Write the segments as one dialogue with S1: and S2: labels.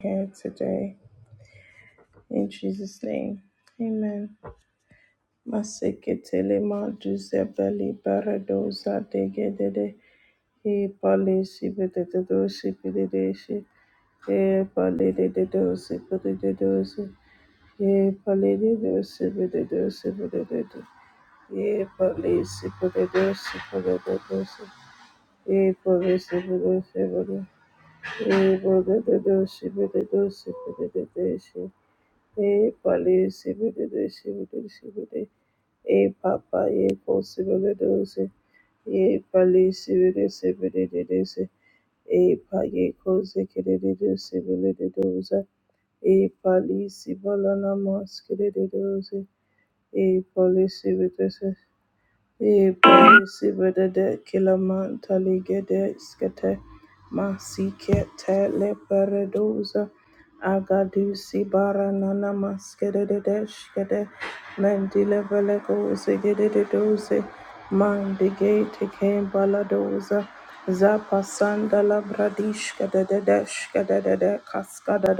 S1: here today. In Jesus' name. Amen. Maseketele ma duze beli degedede. E pali sibededo sibededeshi. E pali dededo E pali dedo sibededo E pali sibededo sibededosi. E pali sibededo sibededo. E pali dedo sibededo E pali sibidi sibidi sibidi. E papa ye ko sibidi dosi. Ye pali sibidi sibidi dosi. E pa ye ko zikidi sibidi dosi. E pali sibala namas kidi dosi. E pali sibidi E parisi bedede kilaman taligede skete masike tele peredoza agadusi baranana maskedede shkede mendile veleko segedede doze mandige teke baladoza zapasanda labradishkede dede shkede dede kaskada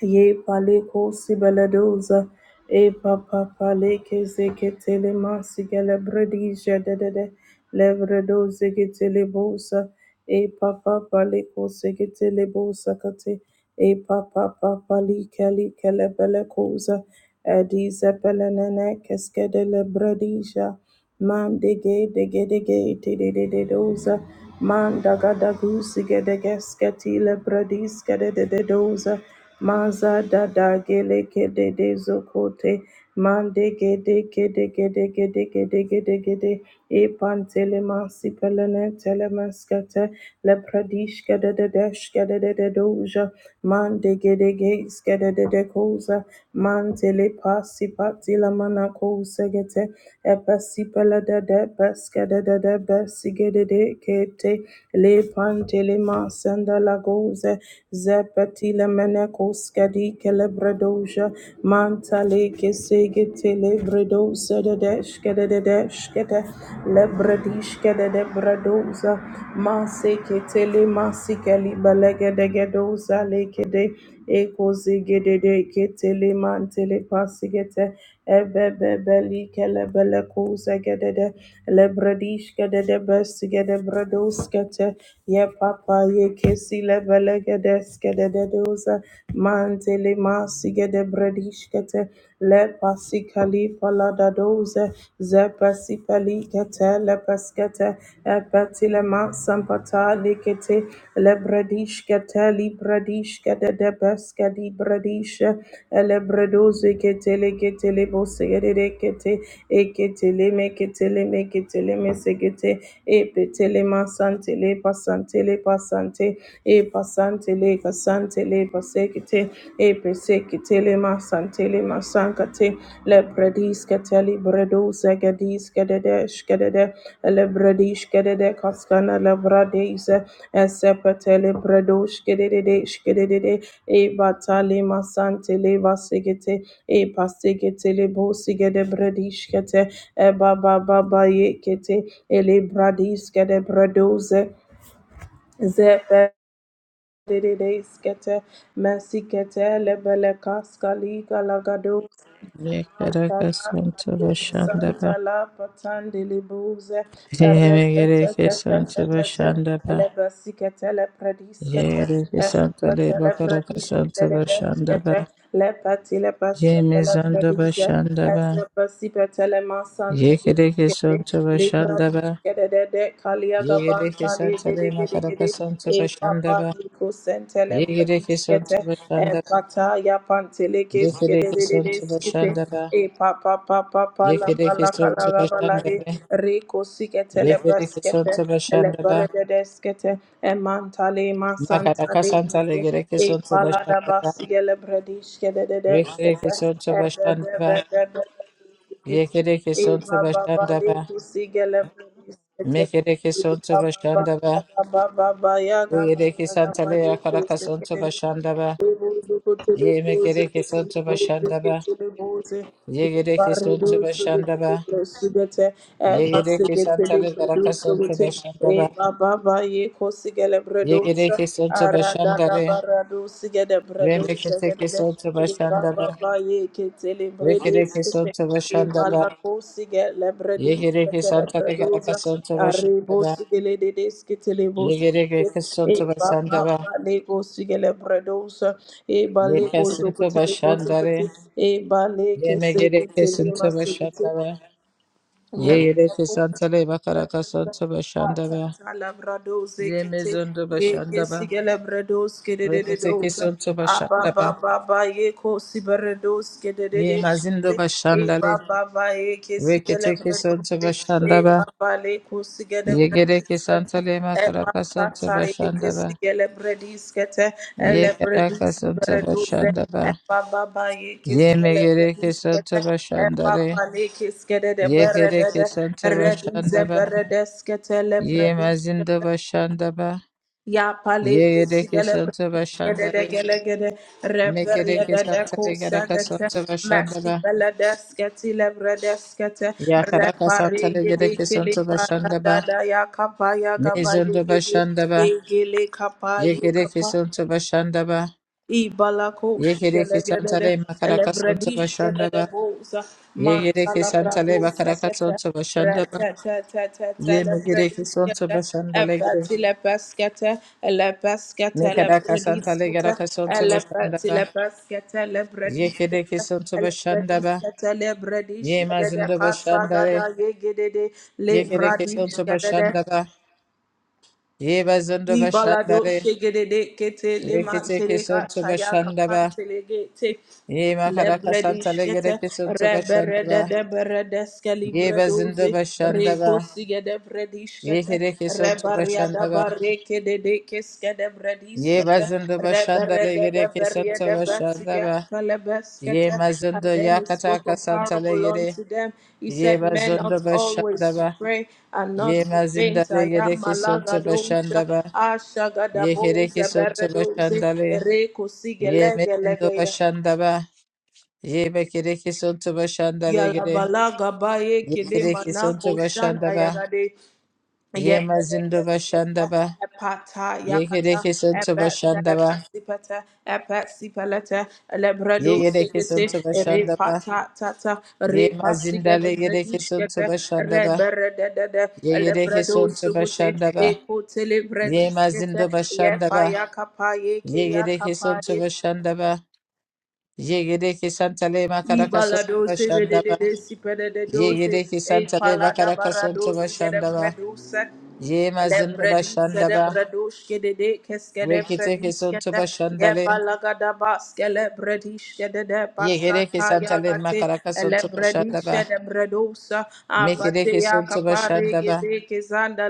S1: Ye paleko sibeledoza. E papa paleke zeketele masigele bredija de de de. Levredo zeketele bosa. E papa paleko seketele bosa kate. E papa papa like like lebelekoza. Edize pelenene keskedele bredija. Man de ge de ge de ge te de de de doza. Man daga dagu sige de gesketile brediske de de de doza. Maza da da gele kede de zokote mande gede gede gede gede gede gede gede e pantele masi pelene tele maskete le pradish gede de desh gede de de doja mande gede ges gede de de koza mantele pasi pati la mana kosa gete e pasi pele de de pes gede de de besi gede de kete le pantele masanda la goze Zepatila menekoskadi kelebredoja mantale kesegete lebredo sededesh kededesh kete lebredish kededebredoza masekete le masikali balegedegedoza lekede ekozigedede ketele mantele pasigete ebebebeli kelebele kozegedede lebredish gedede besigede bredoskete ye papa ye kesi lebele gedeskedede doza mantele masigede bredish kete le pasikali palada doze Zapasipalikata lapaskata apatilama sampata likete lebradishkata libradishkata debaskadi bradisha elebredozekete lekete lebosegerekete eketele meketele meketele mesekete epetele masantele pasantele pasante epasantele kasantele pasekete epeseketele masantele masankate Lebredis keteli bredu zegedis kedede shkedede lebredi shkedede kaskana lebradis esepetele bredu shkedede shkedede e batali masante le vasigete e pasigete le bosigede bredi shkete e baba baba ye kete e lebradis kede bredu ze zepe Dedede skete mesikete lebele kaskali galagado
S2: Yekereke sente bashandaba.
S1: Santa la patande le bouze,
S2: Yemegereke sente
S1: repetetetetetete,
S2: bashandaba.
S1: le basikete le prediskete,
S2: Yegereke sente
S1: espete le
S2: lebakaraka
S1: prediskete
S2: sente
S1: le
S2: bashandaba.
S1: deskete, le pati le baskete le
S2: Yemezando
S1: predize, es
S2: bashandaba.
S1: le basipete le masante
S2: Yekereke
S1: Gede,
S2: sente
S1: Libra
S2: bashandaba.
S1: Gede de de Kalia
S2: Yegereke sente
S1: Gede Gede
S2: lebakaraka
S1: Gede,
S2: sente
S1: E Papa
S2: bashandaba.
S1: Nico Sentele
S2: Yegereke
S1: Bradis
S2: sente
S1: E
S2: bashandaba.
S1: Pata Yapantele Kes Gede
S2: Yekereke sente
S1: Skete,
S2: bashandaba.
S1: E Papa Papa Pala
S2: Yekereke
S1: Pala
S2: sente
S1: Kalaga Balade,
S2: bashandaba.
S1: Rico Siketele
S2: Yekereke
S1: Braskete,
S2: sente
S1: Ele
S2: bashandaba.
S1: Brede E Mantale
S2: Makaraka
S1: Masantale
S2: sente
S1: Gede,
S2: legereke
S1: E
S2: sente
S1: Pala
S2: bashandaba.
S1: Basigele Bradis
S2: Rekereke sonto
S1: E
S2: bashandaba.
S1: Bebe Bebe. Kete.
S2: Yekereke
S1: E
S2: sonto
S1: baba
S2: bashanda
S1: bale
S2: ba
S1: kusigele kumisete.
S2: Mekereke
S1: E
S2: sonto
S1: baba
S2: bashandaba.
S1: baya baba ya baba
S2: Uyereke
S1: baya baba
S2: santale
S1: ya
S2: yakaraka
S1: kusikete
S2: sonto bashanda
S1: Arrebos,
S2: ba Ye mekereke sonto bashandaba. Yegereke sonto bashandaba. Yegereke santale yaraka sonto bashanda ba Yegereke sonto bashandale. Remeketeke sonto bashanda ba Rekereke sonto bashandaba. Yegereke santale yaraka sonto bashandaba. Yegereke
S1: E
S2: sonto
S1: ba ba
S2: bashanda ba
S1: ba lego sigele bredosa. E ba
S2: Ye
S1: lego
S2: kesinti
S1: zokutele bozokute.
S2: başandare.
S1: E ba leke
S2: Ye megere
S1: sekutele
S2: kesinti
S1: masekute.
S2: başandare. Ye
S1: Yep.
S2: yere kesantale bakara kasanti başandare.
S1: Atata labradoze
S2: Ye
S1: kete
S2: mezondo
S1: ye
S2: başandare.
S1: kesi gelebrados
S2: Rekete
S1: kedededosa
S2: kesinti
S1: aba
S2: başandare.
S1: ba ba ba ye kosi beredos
S2: Ye
S1: kededede
S2: mazindo
S1: e ba
S2: başandare.
S1: ba ba ye kesi
S2: Rekete
S1: gelebrados
S2: kesinti
S1: e
S2: başandare.
S1: ba ba le kosi
S2: Ye gere
S1: gelebrados kete
S2: kesantale
S1: e
S2: makara
S1: ba
S2: kasanti
S1: ye
S2: başandare.
S1: kesi gelebradis kete
S2: Ye kara
S1: elebradis
S2: kasanti
S1: beredoze
S2: başandare.
S1: Eba baba ye kis
S2: Ye
S1: kele
S2: megere
S1: bredis
S2: kesinti
S1: kete. Eba
S2: başandare.
S1: pale kis kede de
S2: Ye gere
S1: berede de
S2: kesinti
S1: de. Redis e
S2: başandare.
S1: kete le
S2: Ye mazinda
S1: kete.
S2: bashanda ba.
S1: Ya pale
S2: Ye
S1: kis
S2: edeke
S1: gele
S2: santa
S1: kede
S2: bashanda
S1: de
S2: re.
S1: gele gede. Reberi e
S2: Mekereke
S1: de de
S2: santa re
S1: kusa
S2: garaka
S1: kete.
S2: santa bashanda
S1: Maxi
S2: ba.
S1: bele kete le kete.
S2: Ya karaka
S1: Repari
S2: santa re
S1: gidi
S2: gereke
S1: kili
S2: santa
S1: bara
S2: bashanda
S1: da
S2: ba.
S1: ya kapa ya gaba ye
S2: Mezondo
S1: gidi.
S2: bashanda ba.
S1: Gili kapa
S2: Ye
S1: ye
S2: gereke
S1: kapa.
S2: santa bashanda ba. Ye
S1: Ibalakosh
S2: gereke santa
S1: Gelegede
S2: re makaraka santa
S1: Elebradish
S2: bashanda ba.
S1: Gedede Bosa
S2: Ye gereke
S1: Mantala
S2: santa re
S1: Brados
S2: bakaraka
S1: Ekete
S2: santa bashanda ba.
S1: Retetetetetete
S2: Ye megereke santa
S1: Lebradiskete
S2: bashanda le gere.
S1: Efatile Peskete Elepaskete
S2: Mekaraka santa le
S1: Lebradiskete
S2: garaka santa bashanda ba.
S1: Elefatile Peskete
S2: Ye gereke
S1: Lebradiskete
S2: santa bashanda ba.
S1: Elebradiskete
S2: Ye
S1: Lebradish Gedede
S2: mazindo
S1: Kasa
S2: bashandare,
S1: Gada Yegede
S2: ye kereke
S1: Lebradish
S2: sonto
S1: Gedede,
S2: bashandaba, ye bazindo
S1: Ibalado
S2: bashandare,
S1: shegedede kete le
S2: reketeke
S1: mantele
S2: sonto
S1: kataya
S2: bashandaba,
S1: kapantele gete
S2: ye
S1: le
S2: makaraka
S1: bredi
S2: santa
S1: shkete
S2: legereke sonto bashandaba,
S1: reberede de berede skeli
S2: ye bazindo
S1: bredoze
S2: bashandaba,
S1: reko sigede bredi
S2: ye
S1: shkete
S2: kereke sonto
S1: rebaria da
S2: bashandaba,
S1: bareke de de keske de bredi
S2: ye
S1: skete
S2: bazindo
S1: and then
S2: bashandare gereke sonto bashandaba, ye mazindo
S1: he spoke a
S2: yakataka santa
S1: parable
S2: legere,
S1: unto them. He
S2: ye
S1: said, Men
S2: bazindo
S1: ought always to
S2: bashandaba,
S1: pray and not
S2: ye
S1: to faint.
S2: mazindare
S1: I am
S2: gereke sonto
S1: Malagadosha,
S2: bashandaba, Ye kereke
S1: Ashagadabosa,
S2: sonto
S1: Beredose,
S2: başandale.
S1: Reko
S2: Ye metindo
S1: Sigelegelegeya.
S2: başandaba. Ye bekereke sonto başandale gere.
S1: Yalabalaga baye
S2: Ye
S1: kede
S2: kereke sonto
S1: manako shanda
S2: başandaba.
S1: yagade
S2: Ye mazindo
S1: Yepelekeseka,
S2: başandaba.
S1: epata
S2: Ye
S1: yakata,
S2: kereke sonto başandaba.
S1: epetelepasipete, epesipelete,
S2: Ye
S1: elebredo
S2: gereke
S1: segete,
S2: sonto başandaba.
S1: repata tata,
S2: Ye
S1: repasigede
S2: mazindale gereke sonto
S1: bredishkete,
S2: başandaba.
S1: reberededede,
S2: Ye gereke
S1: elebredo
S2: sonto
S1: sugute,
S2: başandaba.
S1: ekotele
S2: Ye
S1: brediskete,
S2: mazindo
S1: yepa
S2: başandaba.
S1: yakapa yeke
S2: Ye gereke
S1: yakapa
S2: sonto başandaba. Ye gereke santale makaraka sonto
S1: Ibalado sebede de
S2: başandaba.
S1: de sipede de
S2: Ye
S1: doze
S2: Yereki
S1: e
S2: Santa Leva
S1: palada
S2: Caracasonto
S1: barados gede
S2: Bashandaba.
S1: bredusa
S2: Ye
S1: le
S2: Mazimba
S1: bredis gede
S2: Bashandaba.
S1: bredush gede de kes gede
S2: Rekiteke
S1: bredis
S2: Sonto
S1: gede ye
S2: Bashandale.
S1: balaga da bas gele bredish gede de
S2: Ye
S1: basa
S2: Yereki Santa
S1: kaya
S2: Lema
S1: gate le
S2: Caracasonto
S1: bredish
S2: Bashandaba.
S1: gede bredusa apate
S2: Mekereke
S1: ya
S2: Sonto
S1: kapare
S2: Bashandaba.
S1: gede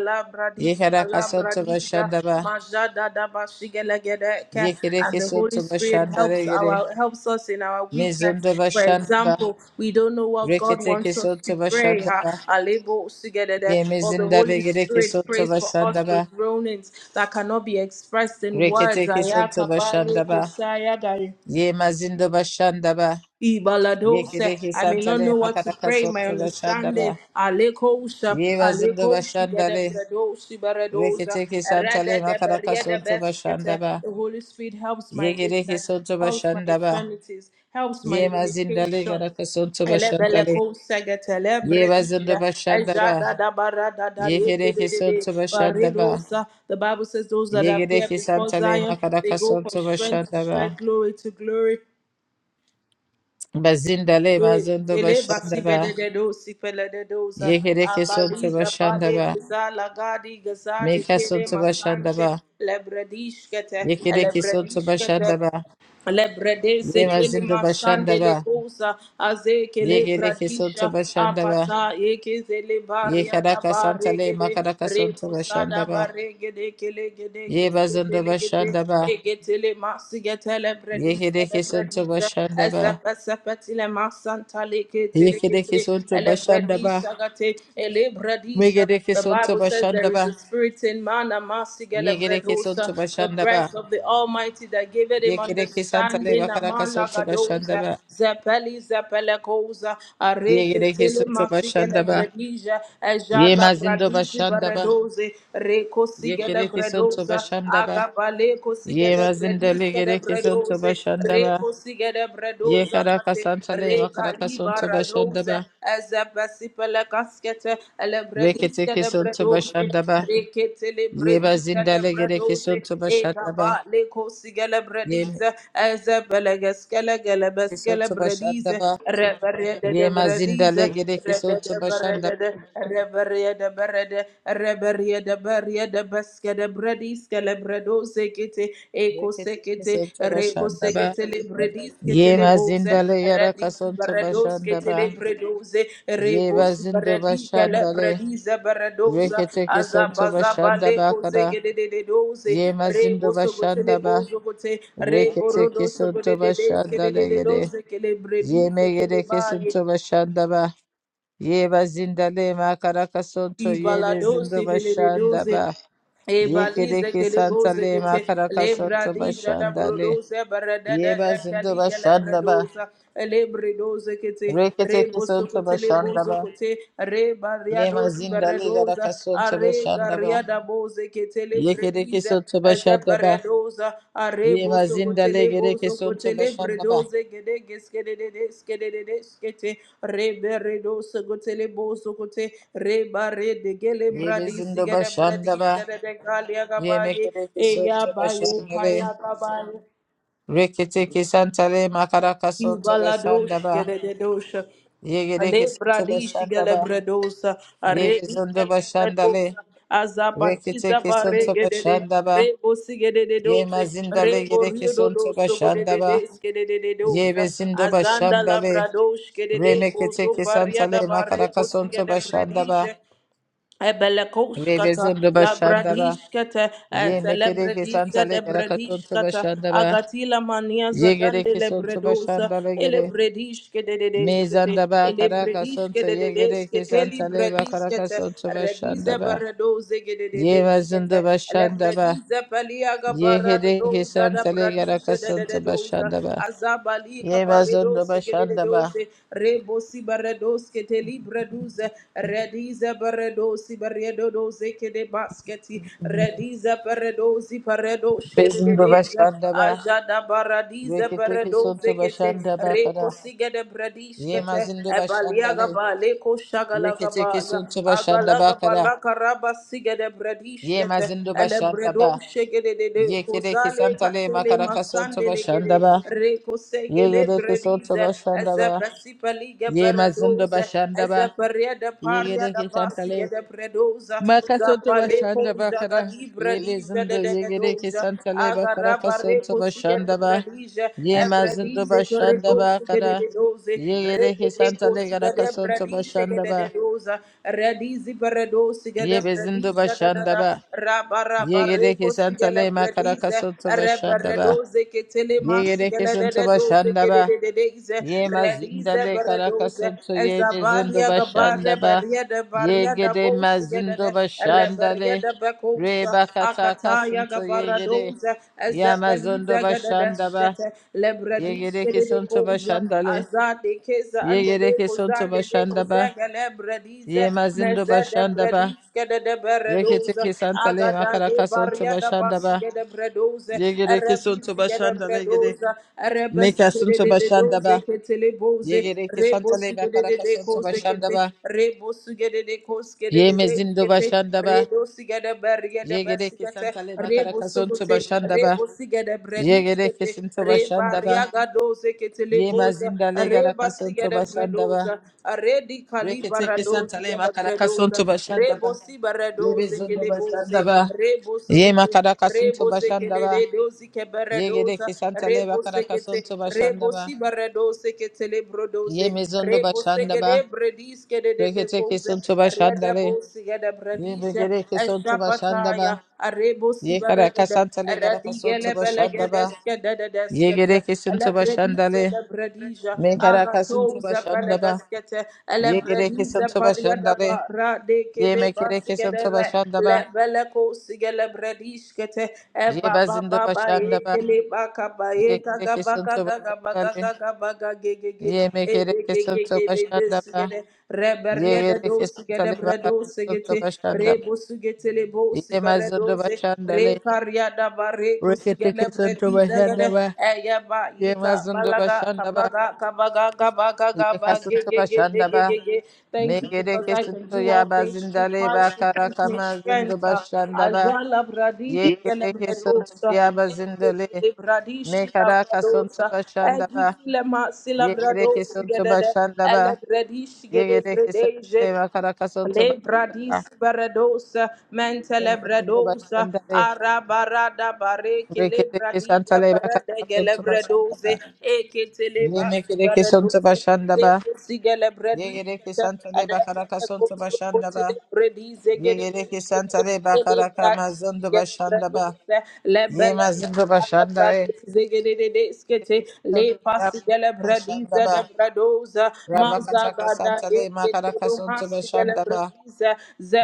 S2: Ye
S1: Kalabradis,
S2: Caracasonto
S1: Kalabradija,
S2: Bashandaba.
S1: Majada Dabashigelegedeke.
S2: Ye
S1: And
S2: Kereke
S1: the Holy
S2: Sonto
S1: Spirit helps
S2: Bashandare Yere.
S1: our helps us in our weakness.
S2: Mizundo
S1: For
S2: Bashandaba.
S1: example, we don't know what God
S2: Rekiteke
S1: wants us to
S2: Sonto
S1: pray. ha.
S2: Bashandaba.
S1: Alebo Sigedede.
S2: Ye
S1: But the
S2: Mizindale
S1: Holy
S2: Yereke
S1: Spirit
S2: Sonto
S1: prays for us with
S2: Bashandaba.
S1: groanings that cannot be expressed in words.
S2: Rekiteke Sonto
S1: Ayakabaye
S2: Bashandaba.
S1: Kosaya Gaye.
S2: Ye Mazindo Bashandaba.
S1: Ibaladose.
S2: Yekideki
S1: I may not know
S2: santale
S1: what to
S2: makaraka
S1: pray, my
S2: soto
S1: understanding.
S2: bashandaba.
S1: Alekosha,
S2: Yeva zindo
S1: Alekoshi,
S2: bashandale.
S1: Gedebradoshi, Baradosa,
S2: Reketeki
S1: Rada
S2: santale
S1: de
S2: makaraka
S1: Bariada
S2: soto
S1: Beskete.
S2: bashandaba.
S1: The Holy Spirit helps my
S2: Yekideki
S1: weakness,
S2: soto
S1: helps my
S2: bashandaba.
S1: infirmities, helps my
S2: Yema zindale
S1: limitation.
S2: garaka soto
S1: Elebele
S2: bashandale.
S1: ko segete lebre
S2: Yeva zindo
S1: dije,
S2: bashandaba.
S1: eja da da bara da da re ke de
S2: Yekideki
S1: de de,
S2: soto bashandaba.
S1: Barilosa. The Bible says those that appear
S2: Yekideki
S1: before
S2: santale
S1: Zion, they
S2: makaraka
S1: go from
S2: soto
S1: strength to
S2: bashandaba.
S1: strength, glory to glory.
S2: Bazindale mazondo
S1: Ele basi
S2: bashandaba.
S1: bede de do si pele de doza
S2: Yekideki soto
S1: abaliza pale
S2: bashandaba.
S1: gaza lagadi gaza de
S2: Meka
S1: kele
S2: soto
S1: masante
S2: bashandaba.
S1: lebredish kete
S2: Yekereke soto
S1: lebredish
S2: bashanda ba.
S1: Lebredese
S2: Ye
S1: kele
S2: mazindo bashanda
S1: masande
S2: ba.
S1: le kosa aze kele
S2: Yegereke soto
S1: bradisha
S2: bashanda ba.
S1: apata eke zele
S2: Ye
S1: baria da
S2: karaka santa le
S1: baregede
S2: makaraka soto bashanda
S1: repusada
S2: ba.
S1: baregede kele gede
S2: Ye
S1: kele
S2: bazindo
S1: kele gede
S2: bashanda ba.
S1: egetele masigetele bredise le
S2: Yekereke soto
S1: bredise
S2: bashanda ba.
S1: ezepe sepetile masanta le ketele
S2: Yekereke
S1: kete
S2: soto
S1: ele
S2: bashanda ba.
S1: bredisa gate ele bredisa
S2: Megereke
S1: the
S2: soto
S1: Bible says
S2: bashanda
S1: there is
S2: ba.
S1: a spirit in man, Amasigele
S2: Yegereke soto
S1: Bredosa, the
S2: bashanda ba.
S1: breath of the Almighty that giveth him
S2: Yekereke santa le
S1: understanding,
S2: makaraka soto bashanda
S1: Amalagadosa,
S2: ba.
S1: Zepeli Zepelekosa, Areke
S2: Yegereke
S1: Tele
S2: soto
S1: Masigele
S2: bashanda ba.
S1: Bredija,
S2: Ye
S1: Ejala
S2: mazindo
S1: Bradisi
S2: bashanda ba.
S1: Baredose, Reko Sigele
S2: Yekereke soto
S1: Bredosa,
S2: bashanda ba.
S1: Agabale
S2: Ye
S1: Cosigele Bredis.
S2: mazindale
S1: kele
S2: gere kesonto
S1: Bredoze,
S2: bashandaba.
S1: Reco
S2: Ye
S1: doza
S2: karaka
S1: kate
S2: santale makaraka
S1: regali
S2: sonto
S1: bara doza
S2: bashandaba.
S1: ezebesi pele kaskete ele
S2: Rekete
S1: brediske de
S2: kesonto
S1: bredoze
S2: bashandaba.
S1: rekete le
S2: Ye
S1: brediske de
S2: mazindale gere
S1: bredoze
S2: kesonto bashandaba.
S1: egaba le kosigele
S2: Ye
S1: bredize ezebele geskele gele beskele
S2: kesonto
S1: bredize
S2: bashandaba.
S1: reberede de
S2: Ye
S1: bredize
S2: mazindale gere kesonto
S1: rebede
S2: bashandaba.
S1: berede de reberede berede reberede berede baskede brediske le bredo sekete eko
S2: Rekete
S1: sekete
S2: kesonto
S1: reko
S2: bashandaba.
S1: sekete le brediske
S2: Ye
S1: le boze
S2: mazindale yara
S1: redisi
S2: kasonto
S1: bredoske le
S2: bashandaba.
S1: bredoze
S2: Ye
S1: rebos
S2: mazindo
S1: bredike le
S2: bashandale.
S1: bredize bredoza
S2: Rekete kesonto
S1: azabazaba
S2: bashandaba
S1: leko
S2: kara.
S1: zegede de de doze
S2: Ye mazindo
S1: rebo sogote le
S2: bashandaba.
S1: bozo gote rebo
S2: Rekete
S1: rodo sogode
S2: kesinto
S1: de deske
S2: başında
S1: de skede de de
S2: legede.
S1: doze ke le bredize
S2: Yeme gede
S1: baye
S2: kesinto başında ba. Yeba zindale makara kasonto yebe
S1: Ibalado
S2: zindo başında
S1: sebeledoze
S2: ba. Yekede
S1: Ebalize
S2: kesanta
S1: kelegoze
S2: le
S1: kete
S2: makara kasonto
S1: lebradija da
S2: başında le.
S1: brodoze barada da da
S2: Yeba zindo
S1: kaliga la
S2: başında ba.
S1: brodoza lebredoze kete
S2: Rekete
S1: reboso
S2: kesinto
S1: kote
S2: başında
S1: lebozo
S2: ba.
S1: kote
S2: Yema
S1: rebariadosi
S2: zindale gara
S1: baradoza
S2: kasonto
S1: are
S2: başında ba.
S1: garia da boze kete
S2: Yekede
S1: lebredize
S2: kesinto başında ba.
S1: paradoza arebo
S2: Yema zindale
S1: sokotele
S2: gede
S1: bozo
S2: kesinto
S1: kotele
S2: başında ba.
S1: bredoze gede geskede de skede de skete rebe redo sokotele bozo kote reba re de gele
S2: Yebe
S1: bradi
S2: zindo
S1: sigede bradi
S2: başında ba.
S1: shede de galia
S2: Ye
S1: gabaye
S2: Yemekereke
S1: eya
S2: sonto
S1: baye kaya
S2: bashandale.
S1: gabaye
S2: Reketeke santale makaraka sonto
S1: Ibaladosh
S2: bashandaba.
S1: geledosh.
S2: Yegereke
S1: Ale
S2: sonto
S1: bradish
S2: bashandaba.
S1: gelebredosa. Are
S2: Yebezondo bashandale.
S1: ikelebredosa. Azabadiza
S2: Reketeke
S1: bare
S2: sonto
S1: gedede.
S2: bashandaba.
S1: Rebo sigededose.
S2: Yemazindale
S1: Rebo
S2: gereke sonto
S1: riododoso
S2: bashandaba.
S1: godededes gedededosa.
S2: Yebezindo
S1: Azanda
S2: bashandale.
S1: labradosh gedede. Koso
S2: Remeketeke
S1: pariada
S2: santale
S1: bare
S2: makaraka sonto
S1: posigede
S2: bashandaba.
S1: bredije. Ebelekoskata,
S2: Rebezondo bashandaba.
S1: Labradishkata,
S2: Yemekereke
S1: Telebredisa
S2: santale
S1: de
S2: garaka sonto
S1: Bredishkata,
S2: bashandaba.
S1: Agatila Maniaza Dande
S2: Yegereke sonto
S1: Lebredosa,
S2: bashandale gere.
S1: Elebredishke de
S2: Me
S1: Dedeshkete,
S2: zanda ba karaka
S1: Elebredishke
S2: santa
S1: de
S2: yegere ke
S1: Dedeskete,
S2: santa le ba karaka
S1: Librediskete,
S2: santa ba
S1: Rediza
S2: ba.
S1: Baradoze de
S2: Ye ma
S1: Dedeskete,
S2: zanda ba shanda ba.
S1: Lebrediza Paliaga
S2: Ye hede ke
S1: Baradoza da
S2: santa le karaka
S1: Bradisha de
S2: santa ba
S1: Dedosa,
S2: shanda ba.
S1: Azabali
S2: Ye ma zanda ba
S1: Cabaredose de
S2: shanda ba.
S1: Dose, Rebosi Baradoskete, Libreduze, Rediza baredosa dosi barredo doze kede basketi rediza peredosi peredosh
S2: Be
S1: kede
S2: ba
S1: deja
S2: shanda ba.
S1: ajada baradize
S2: Rekete ki
S1: peredoze
S2: santa ba
S1: kete
S2: shanda ba
S1: reko
S2: kara.
S1: sigede bredish
S2: Ye ma
S1: kete
S2: zanda ba shanda
S1: ebalia
S2: le.
S1: gaba leko shagala
S2: Rekete
S1: gaba
S2: ki
S1: ya
S2: santa ba shanda
S1: agala
S2: ba
S1: gaba
S2: kara.
S1: la karaba sigede bredish
S2: Ye ma
S1: kete
S2: zanda ba
S1: ele
S2: shanda
S1: bredo
S2: ba.
S1: shegede de de
S2: Ye kede ke
S1: kozale
S2: santa le ma
S1: katele
S2: karaka santa
S1: masande
S2: ba
S1: legede
S2: shanda ba.
S1: reko
S2: Ye
S1: segele
S2: gede ke santa
S1: bredize
S2: ba shanda ba.
S1: ezepesi pelige
S2: Ye mazindo
S1: beredoze
S2: bashanda ba
S1: ezeperia de paria da paria
S2: yegere
S1: da
S2: ke
S1: basi
S2: santale
S1: de bredoza,
S2: makasonto
S1: zapaleko
S2: bashanda ba kara
S1: zagalibra
S2: ye
S1: dija de
S2: bezindo
S1: de de
S2: yegere ke
S1: doza,
S2: santale ba kara kasonto
S1: agarabareko siga de
S2: bashanda ba
S1: bredija,
S2: ye mazindo
S1: ebredize
S2: bashanda
S1: bredoza
S2: ba
S1: de de
S2: kara
S1: de doze,
S2: yegere ke
S1: rededeko
S2: santale kara
S1: siga de
S2: kasonto
S1: bredija de
S2: bashanda
S1: de de
S2: ba
S1: doza, redizi bredoza
S2: ye
S1: de
S2: bezindo
S1: bredija da da
S2: bashanda
S1: da,
S2: ba yegere
S1: rabarabareko
S2: ke
S1: siga de
S2: santale makara
S1: bredize,
S2: kasonto bashanda ba
S1: reberedoze ke telema
S2: yegere
S1: siga
S2: ke
S1: de
S2: santo
S1: de doze
S2: bashanda
S1: ke
S2: ba
S1: de de de deze,
S2: Yema
S1: redize
S2: zindale
S1: bredoze,
S2: karakasanto ye zindo
S1: ezabalia gabare
S2: bashandaba.
S1: beria de Baria da
S2: Yegede
S1: bosigede de
S2: mazindo
S1: reberye
S2: bashandale.
S1: de bekoşa
S2: Reba
S1: akataya
S2: katakasanto yegede.
S1: gabaradoza
S2: Yama zindo
S1: ezepelize gede de
S2: bashandaba.
S1: şete
S2: Yegede
S1: lebredişe de de
S2: kisanto
S1: koza
S2: bashandale.
S1: azade keza
S2: Yegede
S1: andele
S2: kisanto
S1: kozande de
S2: bashandaba.
S1: kozege lebredize
S2: Yema zindo
S1: meze de
S2: bashandaba.
S1: bredişke de de
S2: Rekete
S1: beredoza
S2: kisantale
S1: agada
S2: makarakasanto
S1: gebarye de
S2: bashandaba.
S1: basigede bredoze
S2: Yegede kisanto
S1: erebizige de
S2: bashandale gede.
S1: bredoza erebesigede
S2: Mekasanto
S1: de de doze
S2: bashandaba.
S1: ketele boze
S2: Yegede
S1: rebo
S2: kisantale
S1: sigede de de
S2: makarakasanto
S1: koze kete
S2: bashandaba.
S1: rebo koskede
S2: Ye
S1: de
S2: mezindo
S1: kete
S2: bashanda ba.
S1: rebo sigede bergede
S2: Ye gere
S1: besigete
S2: kesantale makara
S1: rebo
S2: kasonto
S1: sukute
S2: bashanda ba.
S1: rebo sigede bredi
S2: Ye gere
S1: kete
S2: kesinto
S1: reba
S2: bashanda ba.
S1: riaga doze kete
S2: Ye
S1: leboza
S2: mazinda le gara
S1: reba
S2: kasonto
S1: sigede
S2: bashanda ba.
S1: bredoza redi
S2: Rekete
S1: kalibara doze
S2: kesantale
S1: kele
S2: makara
S1: bredoza
S2: kasonto bashanda
S1: rebo
S2: ba.
S1: sibara
S2: Ye
S1: doze
S2: bezondo
S1: kele boze
S2: bashanda ba.
S1: rebo
S2: Ye
S1: sukute
S2: makara kasinto
S1: Rebose
S2: bashanda ba.
S1: kelele dosi
S2: Ye gere
S1: keberedosa.
S2: kesantale makara
S1: Rebose kete.
S2: kasonto bashanda ba.
S1: Rebosi baredose ketele
S2: Ye
S1: brodose.
S2: mezondo
S1: Rebose
S2: bashanda ba.
S1: kede bredis kede de de
S2: Rekete
S1: goze.
S2: kesonto bashanda
S1: Rede
S2: le.
S1: bosi kede
S2: Ye
S1: bredishe.
S2: begere kesonto bashanda
S1: Eshapataya.
S2: ba.
S1: Rebosi
S2: Ye kara
S1: barede.
S2: kasantale gara kasonto
S1: Redigele
S2: bashanda ba.
S1: belegedeske de de
S2: Yegere
S1: deskete.
S2: kesin
S1: Ele
S2: tıba şandale.
S1: de bredija.
S2: Mekara kasın tıba
S1: Agatoze
S2: şandaba.
S1: belegaskete
S2: Yegere
S1: elebrediza
S2: kesin tıba şandale.
S1: pariadaba
S2: Ye
S1: radekele
S2: mekere kesin
S1: basigedere
S2: tıba şandaba.
S1: lebeleko sigelebrediskete
S2: Ye bazinde
S1: ebababa
S2: başandaba.
S1: ekele bakabaye
S2: Yegere kesin tıba şandale.
S1: kagabakagagabagagagabagagegege
S2: Ye mekere kesin tıba
S1: ebegegegele
S2: şandaba.
S1: besigede reberiede
S2: Yegere kesin
S1: dosigede
S2: tale bakarasın
S1: bredosigete
S2: tıba şandaba.
S1: rebosugetele
S2: Ye mazinde
S1: bosiberedoze Re
S2: başandale.
S1: karyada bare
S2: Rekete
S1: kusigele
S2: kesin
S1: bredi
S2: tıba
S1: zegede
S2: şandaba.
S1: eye ba
S2: Ye
S1: yika
S2: mazinde
S1: balaga
S2: başandaba.
S1: kabaga kabaga kabaga
S2: Ye
S1: gaba
S2: kasın
S1: ge ge
S2: tıba
S1: ge ge ge
S2: şandaba.
S1: ge ge. Thank you
S2: Megere
S1: because I can
S2: kesintu
S1: do all
S2: ya
S1: things through
S2: bazindale ba
S1: Christ who gives me
S2: karakama zindu
S1: strength.
S2: bashandaba.
S1: Azala bradi shigele
S2: Yegere kesintu
S1: bredosa.
S2: ya bazindale.
S1: Ekele bradi shigele
S2: Mekara kasuntu
S1: bredosa.
S2: başanda
S1: Egi
S2: ba
S1: kile ma sila
S2: Yegere
S1: bredosa
S2: kesintu
S1: gedede. Ele
S2: bashandaba.
S1: bredi shigele
S2: Yegere kesintale ba Yekere kesintu
S1: bredeje.
S2: ya karakasuntu bashandaba.
S1: Lebradis Baradosa,
S2: Lema zindu
S1: Mentelebradosa,
S2: bashandale.
S1: Arabarada Bareke
S2: Rekere
S1: Lebradija
S2: kesantale ba karakasuntu bashandaba.
S1: Baradegelebradoze, Eketeleba
S2: Yemekere kesintu
S1: Baradose,
S2: bashandaba. Yegere
S1: Ekesigelebradisa,
S2: kesantale ba karakasuntu
S1: Reberekozo
S2: bashandaba.
S1: Kotelebradizegede,
S2: Yegere kesantale ba karakama zindu başanda ba.
S1: Gedebredose,
S2: Ye
S1: Lebele
S2: Yemazindo Bashandare,
S1: Calabradize, Gededeskete, Le
S2: Ya
S1: Pasigelebradize,
S2: Bashandaba,
S1: Debredosa,
S2: Rabakataka
S1: Mazagada,
S2: Santale, Makaraka Sunto
S1: Eketurumasi,
S2: Bashandaba,
S1: Gelebradize,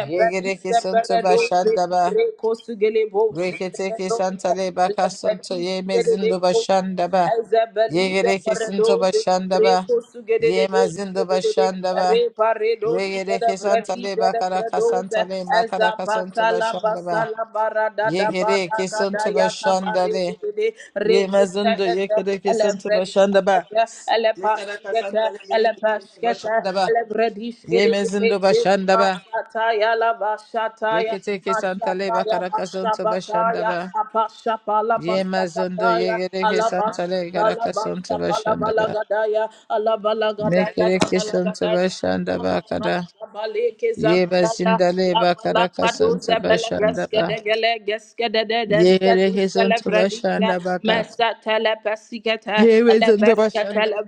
S2: Yegereke Sunto
S1: Beredoze,
S2: Bashandaba,
S1: Recosugelebose,
S2: Reketeke Santale, Bakasunto,
S1: Elebredis
S2: Yemezindo
S1: gededekos,
S2: Bashandaba,
S1: ezebelize
S2: Yegereke Sunto
S1: paredoze,
S2: Bashandaba,
S1: rekos gededede,
S2: Yemazindo
S1: gededede,
S2: Bashandaba,
S1: reparedos
S2: Regereke
S1: gedebredi,
S2: Santale, Bakaraka
S1: gedebredoze,
S2: Santale, Makaraka Sunto
S1: ezapatala
S2: Bashandaba,
S1: basala baradada
S2: Yegereke
S1: barakada
S2: Sunto
S1: yakabare
S2: Bashandale,
S1: gedede, rekos
S2: Yemazindo
S1: gedede,
S2: Yekereke Sunto
S1: elebredis
S2: Bashandaba,
S1: gedede, elepas
S2: Yetaraka
S1: gedede,
S2: santale yereke
S1: elepas
S2: tonto
S1: gedede,
S2: bashandaba.
S1: elebredis
S2: Yemezindo
S1: gedede,
S2: bashandaba.
S1: Masataya la bashataya,
S2: Reketeke santale
S1: mashataya
S2: bakaraka sonto
S1: bashabataya,
S2: bashandaba.
S1: apashapala
S2: Yemazondo
S1: pashabataya,
S2: yegereke santale
S1: alabashatala
S2: karaka sonto
S1: bashapala
S2: bashandaba.
S1: balagadaya, alabalagadaya
S2: Mekereke sonto
S1: gabalagadaya.
S2: bashandaba kada.
S1: For thou,
S2: Yebazindale bakaraka sonto bashandaba. Yegereke sonto bashandaba ka. Yemezindo bashandaba.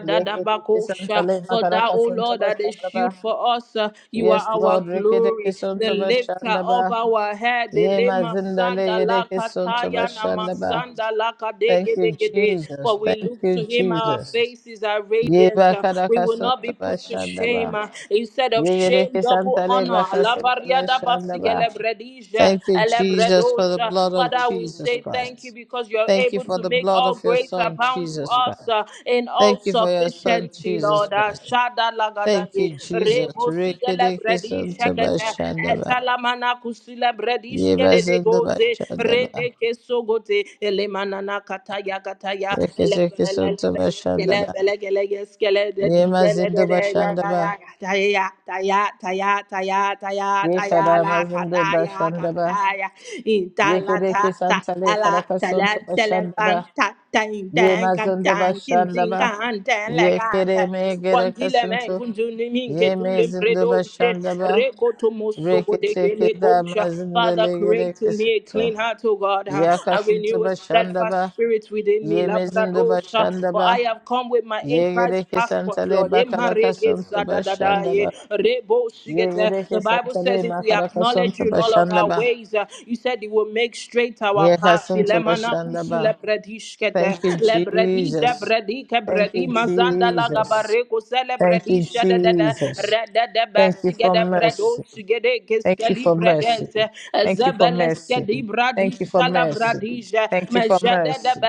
S2: Rekereke santale bakaraka
S1: O
S2: sonto
S1: Lord, that a
S2: bashandaba.
S1: shield for us. Uh, You are
S2: Yes,
S1: our
S2: Lord. Rekereke
S1: glory, the
S2: sonto
S1: lifter
S2: bashandaba.
S1: of our head. The lema sanda la kataya na
S2: Yemazindalegedekesonsobashandaba.
S1: masanda la kadege
S2: Thank you,
S1: dege de.
S2: Jesus.
S1: For we
S2: Thank
S1: look to
S2: you,
S1: him, our
S2: Jesus.
S1: faces are radiant. Uh, We will not be put to shame.
S2: Yebakadakasonsobashandaba.
S1: Uh, Instead of shame, double honor. La baria da basige
S2: Yegedekesantaleibakasonsobashandaba.
S1: lebredije,
S2: Thank you, Jesus, for the
S1: elebredosha.
S2: blood of
S1: Father, we
S2: Jesus
S1: say thank you
S2: Christ.
S1: because you're
S2: Thank you
S1: able
S2: for
S1: to
S2: the
S1: make
S2: blood
S1: all
S2: of your
S1: grace
S2: Son,
S1: abound to
S2: Jesus Christ.
S1: us uh, in all
S2: Thank you for your Son,
S1: sufficiency,
S2: Jesus
S1: Lord. Uh,
S2: Christ.
S1: Shada
S2: Thank you,
S1: Gadadi,
S2: Jesus.
S1: Remo sigele bredi shakete.
S2: Rekedekesonsobashandaba.
S1: Etalamana kusila bredi shkede de goze.
S2: Yebazindabashandaba.
S1: Rede keso gote. Elemana na kataya kataya. Elebelelebele. Skele bele gele ge skele de
S2: Ye
S1: dizele
S2: mazindo
S1: de de la
S2: bashandaba.
S1: da ya da ya da ya da ya da ya da ya
S2: Ye
S1: da
S2: kara
S1: ya la ka
S2: mazindo
S1: da ya ka
S2: bashandaba.
S1: da ya in ta
S2: Ye
S1: la
S2: kereke
S1: ta ta
S2: santale
S1: ta la ta
S2: karakasonto
S1: la
S2: bashandaba.
S1: ta la Dang,
S2: Ye
S1: dang, gan,
S2: mazindo
S1: dang, kin, ding,
S2: bashandaba.
S1: gan, dang, la,
S2: Ye
S1: gan,
S2: kere
S1: dang.
S2: me
S1: One dile men
S2: gerekasunto.
S1: kunjuni minke
S2: Ye
S1: tulim
S2: mezindo
S1: predoshe.
S2: bashandaba.
S1: Reko to
S2: Reke
S1: mosobo deke
S2: teke
S1: le
S2: da
S1: kosha.
S2: mazindo
S1: Father,
S2: le
S1: create in me a
S2: gerekasunto.
S1: clean heart, O God, huh,
S2: Ya
S1: and
S2: kasunto
S1: renew a steadfast
S2: bashandaba.
S1: spirit within me,
S2: Ye
S1: la
S2: mezindo
S1: pradosha. For
S2: bashandaba.
S1: I have come with my in
S2: Ye
S1: Christ
S2: gereke
S1: passport,
S2: santale
S1: Lord. Emma rege
S2: bakarakasonto
S1: sa da da da ye.
S2: bashandaba.
S1: Rebo
S2: Ye
S1: shigete. The
S2: gereke
S1: Bible says
S2: santale
S1: if we acknowledge
S2: makarakasonto
S1: you in all of our
S2: bashandaba.
S1: ways, uh, you said said He will make straight our path.
S2: Yekasinto
S1: Ilemana kusule
S2: Bashandaba.
S1: predishkete.
S2: Thank you,
S1: Le bredi ze
S2: Jesus.
S1: bredi ke
S2: Thank you,
S1: bredi mazanda la
S2: Jesus.
S1: gabare kusele
S2: Thank
S1: bredi
S2: you,
S1: shede de de.
S2: Jesus.
S1: Rede de
S2: Thank you
S1: besige
S2: for
S1: de bredo
S2: mercy.
S1: sige de
S2: Thank you
S1: keskeli
S2: for mercy.
S1: bredeze.
S2: Thank you for
S1: Zebeleske
S2: mercy.
S1: di bradi
S2: Thank you for
S1: shala
S2: mercy.
S1: bradije.
S2: Thank you for
S1: Mejede de
S2: mercy.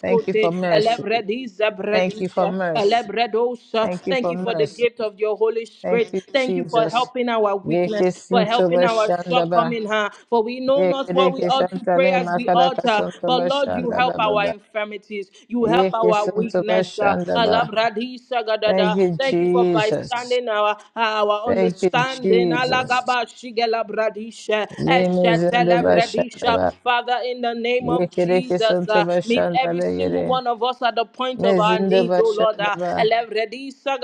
S2: Thank you for
S1: Le
S2: mercy.
S1: bredi ze
S2: Thank you for
S1: bredije. Le
S2: mercy.
S1: bredos.
S2: Thank you
S1: Thank
S2: for
S1: you for the
S2: mercy.
S1: gift of your Holy
S2: Thank
S1: Spirit.
S2: you,
S1: Thank you for
S2: Jesus.
S1: helping help our weakness, for
S2: Yekasinto
S1: helping our
S2: Bashandaba.
S1: shortcoming, huh? For we know not what we
S2: Yekedeke
S1: ought to pray
S2: Santale
S1: as we ought,
S2: Makaraka
S1: uh,
S2: Santo
S1: but Lord, you help
S2: Bashandaba.
S1: our infirmities, you help our weakness. uh,
S2: Yekisantabashandaba.
S1: Alabradisa
S2: Thank
S1: gadada.
S2: you,
S1: Thank you for
S2: Jesus.
S1: bystanding our our
S2: Thank you,
S1: understanding.
S2: Jesus.
S1: Alagabashigelabradisha, eshetelebradisha.
S2: Yemizindabashandaba.
S1: Father, in the name of Jesus, uh, meet every single
S2: Yekirekisantabashandalegere.
S1: one of us at the point of our needs, oh Lord. Uh,
S2: Mezindabashandaba.
S1: Alebredisa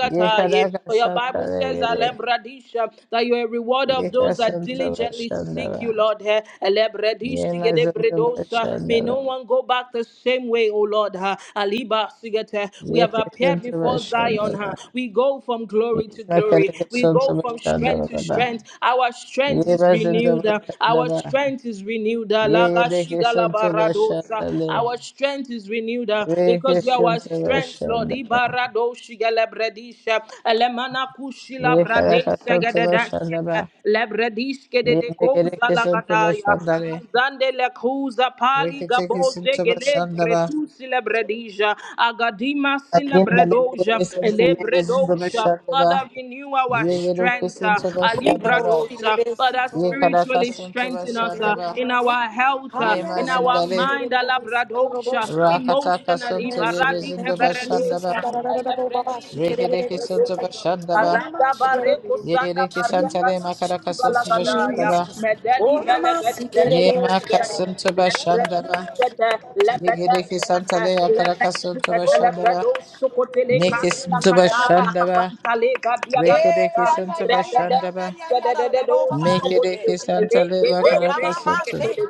S1: For your Bible says,
S2: Yekarakasantalegere.
S1: Alebradisha, that you are a reward of those that diligently seek
S2: Yekasantabashandaba.
S1: you, Lord. Eh, Elebredishi gedebredosa. May
S2: Yemazindabashandaba.
S1: no one go back the same way, O Lord. Ah, Aliba sigete. We have appeared before Zion.
S2: Yekisantabashandaba.
S1: Ah, We go from glory to glory. We go from strength to
S2: Yemakarekisantabashandaba.
S1: strength. Our strength is renewed. Ah, Our
S2: Yemazindabashandaba.
S1: strength is renewed. Ah,
S2: Yegedeke santo bashandale.
S1: Our strength strength is renewed uh,
S2: Veke
S1: because you are our
S2: santo
S1: strength, Lord.
S2: bashandaba.
S1: Ibarado shigelebredisha, elemana kushila
S2: Yekaraka
S1: bradesha
S2: santo
S1: gededeshete,
S2: bashandaba.
S1: lebredishke dedekoza
S2: Yegedeke santo
S1: lagadaya,
S2: bashandale.
S1: manzande lekuza pali
S2: Veke teke
S1: gaboze
S2: santo
S1: gele
S2: bashandaba.
S1: gredusi lebredisha, agadima
S2: Azindale
S1: sinebredoja,
S2: gedeke santo yede santo
S1: elebredoja.
S2: bashandaba.
S1: Father, renew our
S2: Yegedeke
S1: strength. uh,
S2: santo bashandaba.
S3: Yalaboshi
S1: Alibradosa,
S3: lebesi
S1: Father,
S3: koroboshi.
S2: Yekaraka
S1: spiritually
S2: santo
S1: strengthen us us, uh,
S3: Tetere
S2: bashandaba.
S1: in
S3: mamasu.
S1: our health, uh, in our
S3: Hayaranamoshi
S2: Yemazindale.
S1: mind, uh,
S3: terebesi
S1: labradosha,
S3: koroboshita.
S2: Rakataka
S1: emotionally,
S2: santo
S3: Yes,
S2: yede
S3: Lord.
S1: baradika
S2: santo
S3: thank you, Jesus.
S2: bashandaba.
S1: baradosha,
S3: Andarararababashi
S1: elebredisi,
S2: Veke deke
S3: kerebesi.
S2: santo
S1: elebredosha,
S2: bashandaba.
S1: arada
S3: Yanamashi
S1: bareko
S3: yarabere.
S1: sanda
S2: Yereke
S1: bareka
S2: santale
S3: Jesus,
S2: makaraka
S3: Jesus,
S2: santo
S1: balagadaya,
S2: bashandaba.
S3: Jesus.
S1: medeli
S3: Oh, namasi
S1: belegede,
S2: Ye
S3: kerebesi.
S2: makasunto bashandaba.
S3: Yararararabashi.
S1: lebredisi, lebede,
S2: Yegereke santale akaraka santo
S3: Oh,
S2: bashandaba.
S1: Lebrado
S3: namashi.
S1: sokotele
S2: Meke
S1: kakila
S2: santo
S1: kata
S3: Yarababa.
S2: bashandaba.
S1: lakabanta lega
S3: Eh,
S2: Rekereke
S1: diagalada
S3: ya, ya,
S2: santo
S3: ya, ya,
S1: regede
S3: ya,
S2: bashandaba.
S3: ya, ya,
S1: gedededo
S3: yarararababashi.
S1: sokote
S3: Eh.
S2: Mekereke santale
S1: lege
S3: Oh,
S1: dele me
S2: makaraka
S3: mama, mama,
S2: santo.
S3: shake